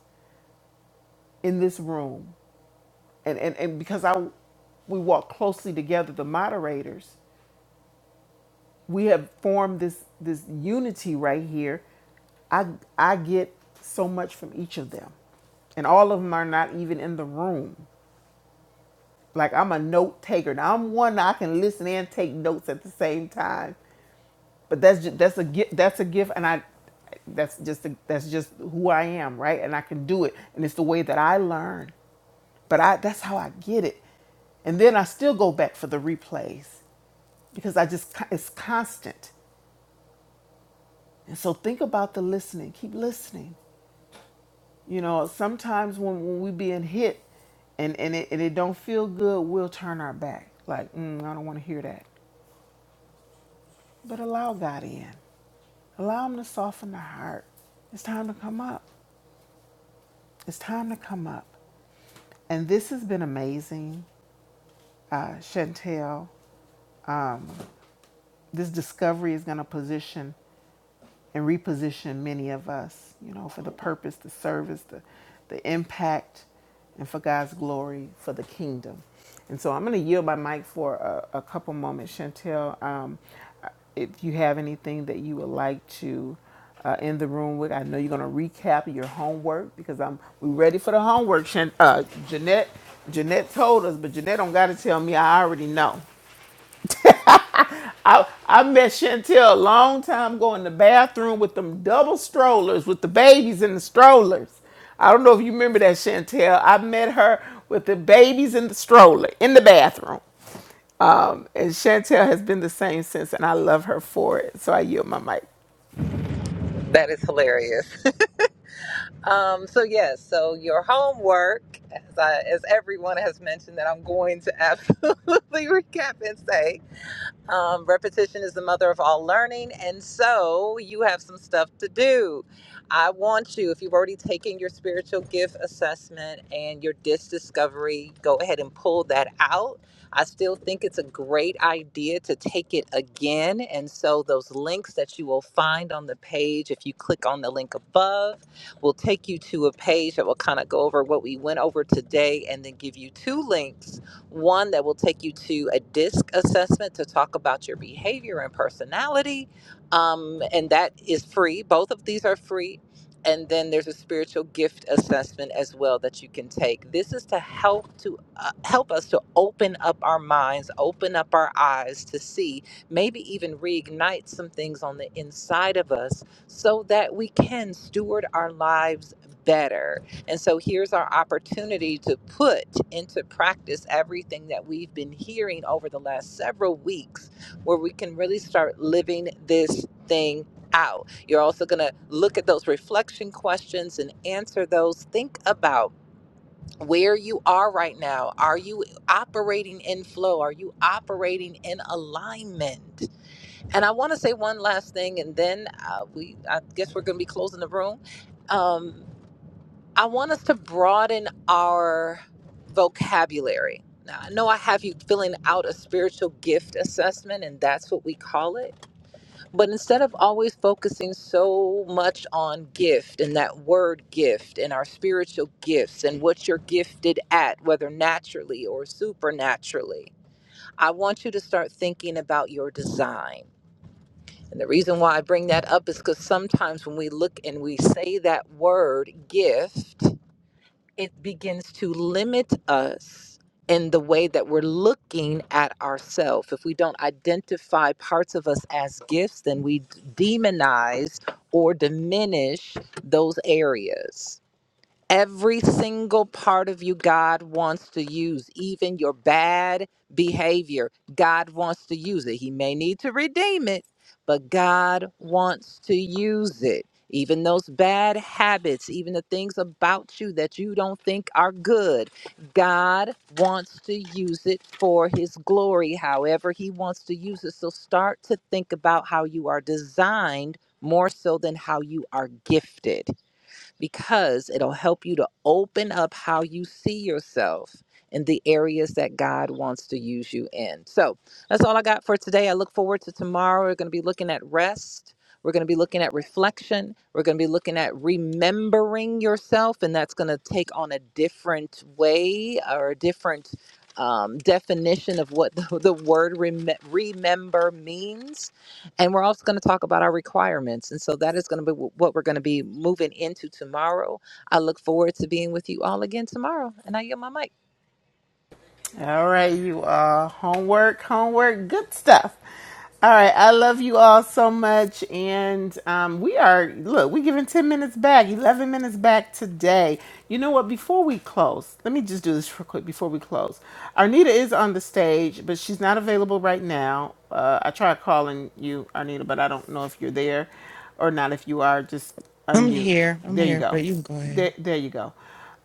B: in this room, and, and, and because I we walk closely together, the moderators, we have formed this this unity right here i i get so much from each of them and all of them are not even in the room like i'm a note taker now i'm one i can listen and take notes at the same time but that's just, that's a gift that's a gift and i that's just a, that's just who i am right and i can do it and it's the way that i learn but i that's how i get it and then i still go back for the replays because i just it's constant And so think about the listening. Keep listening. You know, sometimes when, when we being hit and, and, it, and it don't feel good, we'll turn our back. Like, mm, I don't want to hear that. But allow God in. Allow him to soften the heart. It's time to come up. It's time to come up. And this has been amazing, uh, Chantel. This discovery is going to position and reposition many of us, you know, for the purpose, the service, the, the impact, and for God's glory, for the kingdom. And so I'm going to yield my mic for a, a couple moments, Chantel. Um, if you have anything that you would like to uh, in the room with, I know you're going to recap your homework because I'm we ready for the homework. Chan, uh, Jeanette, Jeanette told us, but Jeanette don't got to tell me. I already know. I I met Chantel a long time ago in the bathroom with them double strollers with the babies in the strollers. I don't know if you remember that Chantel. I met her with the babies in the stroller in the bathroom. Um, and Chantel has been the same since, and I love her for it. So I yield my mic.
E: That is hilarious. Um, so yes, so your homework, as I, as everyone has mentioned, that I'm going to absolutely recap and say. Um, repetition is the mother of all learning, and so you have some stuff to do. I want you, if you've already taken your spiritual gift assessment and your disc discovery, go ahead and pull that out. I still think it's a great idea to take it again. And so, those links that you will find on the page, if you click on the link above, will take you to a page that will kind of go over what we went over today and then give you two links one that will take you to a DISC assessment to talk about your behavior and personality. Um, and that is free. Both of these are free. And then there's a spiritual gift assessment as well that you can take. This is to help to uh, help us to open up our minds, open up our eyes to see, maybe even reignite some things on the inside of us so that we can steward our lives better and so here's our opportunity to put into practice everything that we've been hearing over the last several weeks, where we can really start living this thing out. You're also going to look at those reflection questions and answer those. Think about where you are right now. Are you operating in flow? Are you operating in alignment? And I want to say one last thing, and then uh, we I guess we're going to be closing the room. Um, I want us to broaden our vocabulary. Now, I know I have you filling out a spiritual gift assessment, and that's what we call it. But instead of always focusing so much on gift and that word gift and our spiritual gifts and what you're gifted at, whether naturally or supernaturally, I want you to start thinking about your design. And the reason why I bring that up is because sometimes when we look and we say that word gift, it begins to limit us in the way that we're looking at ourselves. If we don't identify parts of us as gifts, then we d- demonize or diminish those areas. Every single part of you, God wants to use, even your bad behavior. God wants to use it. He may need to redeem it, but God wants to use it. Even those bad habits, even the things about you that you don't think are good, God wants to use it for His glory, however, He wants to use it. So start to think about how you are designed more so than how you are gifted because it'll help you to open up how you see yourself in the areas that God wants to use you in. So that's all I got for today. I look forward to tomorrow. We're going to be looking at rest. We're going to be looking at reflection. We're going to be looking at remembering yourself, and that's going to take on a different way or a different um, definition of what the, the word rem- remember means. And we're also going to talk about our requirements. And so that is going to be wh- what we're going to be moving into tomorrow. I look forward to being with you all again tomorrow. And I yield my mic.
B: All right, you all. Homework, homework, good stuff. All right, I love you all so much. And um, we are, look, we're giving 10 minutes back, 11 minutes back today. You know what? Before we close, let me just do this real quick before we close. Arnita is on the stage, but she's not available right now. Uh, I tried calling you, Arnita, but I don't know if you're there or not. If you are, just
J: I'm
B: unmute.
J: here. I'm
B: There you
J: here,
B: go.
J: but you can go ahead.
B: There, there you go.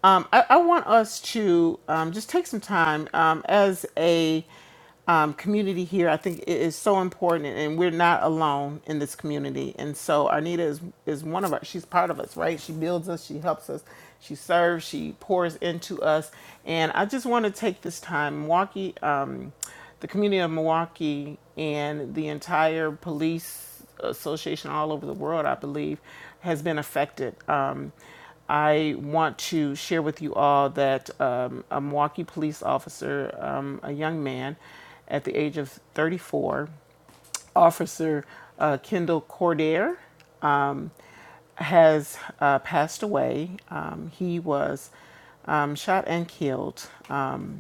B: Um, I, I want us to um, just take some time um, as a um, community here. I think it is so important, and we're not alone in this community. And so Arnita is is one of our. She's part of us, right? She builds us, she helps us, she serves, she pours into us. And I just want to take this time, Milwaukee, um, the community of Milwaukee, and the entire police association all over the world, I believe, has been affected. Um, I want to share with you all that um, a Milwaukee police officer, um, a young man at the age of 34, Officer uh, Kendall Cordair, has uh, passed away. Um, he was um, shot and killed um,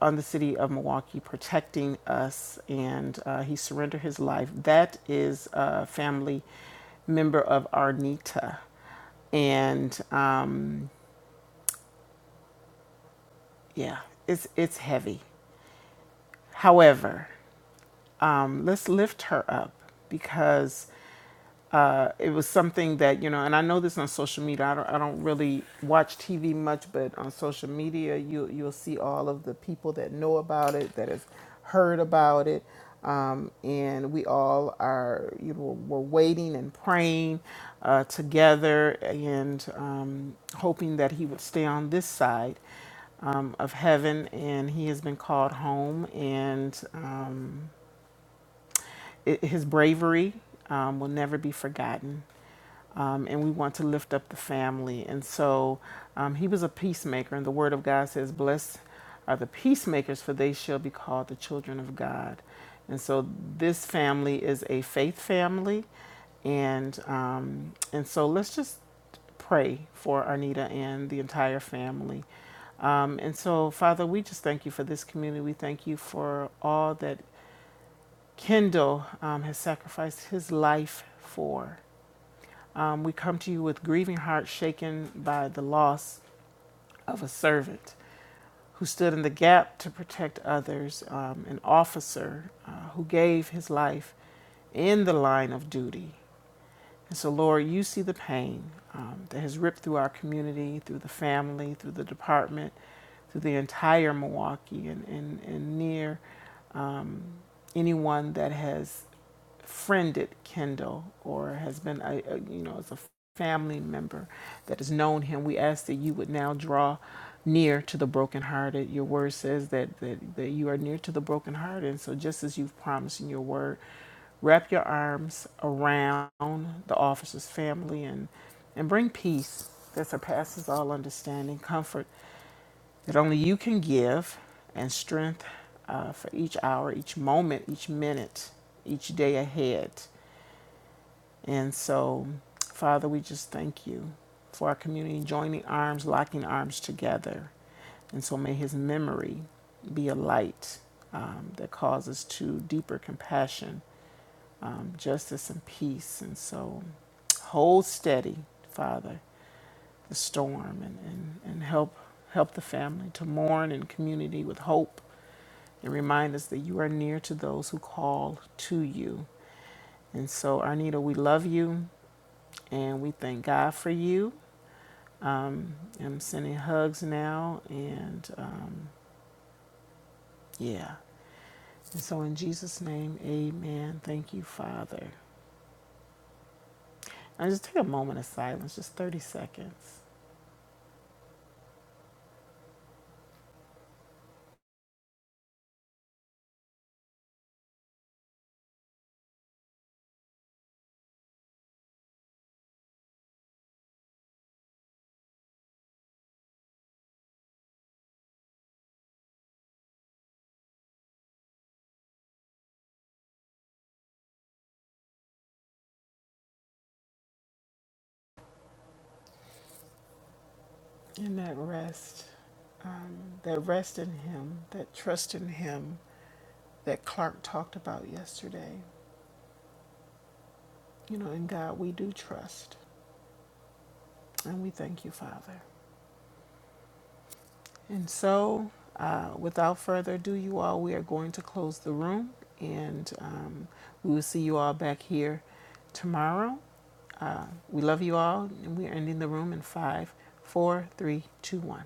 B: on the city of Milwaukee, protecting us, and uh, he surrendered his life. That is a family member of Arnita and um, Yeah, it's it's heavy. However, um, let's lift her up because uh, it was something that you know and i know this on social media i don't, I don't really watch tv much but on social media you, you'll see all of the people that know about it that have heard about it um, and we all are you know we're waiting and praying uh, together and um, hoping that he would stay on this side um, of heaven and he has been called home and um, it, his bravery um, will never be forgotten um, and we want to lift up the family. And so um, he was a peacemaker, and the Word of God says, Blessed are the peacemakers, for they shall be called the children of God. And so this family is a faith family, and um, and so let's just pray for Arnita and the entire family. Um, and so, Father, we just thank you for this community. We thank you for all that Kendall um, has sacrificed his life for. Um, we come to you with grieving hearts shaken by the loss of a servant who stood in the gap to protect others, um, an officer uh, who gave his life in the line of duty and so, Lord, you see the pain um, that has ripped through our community, through the family, through the department, through the entire Milwaukee, and, and, and near um, anyone that has friended Kendall or has been, a, a, you know, as a family member that has known him. We ask that you would now draw near to the brokenhearted. Your word says that, that, that you are near to the brokenhearted. And so, just as you've promised in your word, Wrap your arms around the officer's family and, and bring peace that surpasses all understanding, comfort that only you can give, and strength uh, for each hour, each moment, each minute, each day ahead. And so, Father, we just thank you for our community joining arms, locking arms together. And so may his memory be a light um, that causes to deeper compassion um, justice and peace. And so hold steady, Father, the storm and, and, and help help the family to mourn in community with hope and remind us that you are near to those who call to you. And so, Arnita, we love you and we thank God for you. Um, I'm sending hugs now and um, yeah. And so in Jesus' name, amen. Thank you, Father. And just take a moment of silence, just 30 seconds. And that rest, um, that rest in Him, that trust in Him that Clark talked about yesterday. You know, in God we do trust, and we thank you, Father. And so, uh, without further ado, you all, we are going to close the room, and um, we will see you all back here tomorrow. We love you all, and we are ending the room in five, four, three, two, one.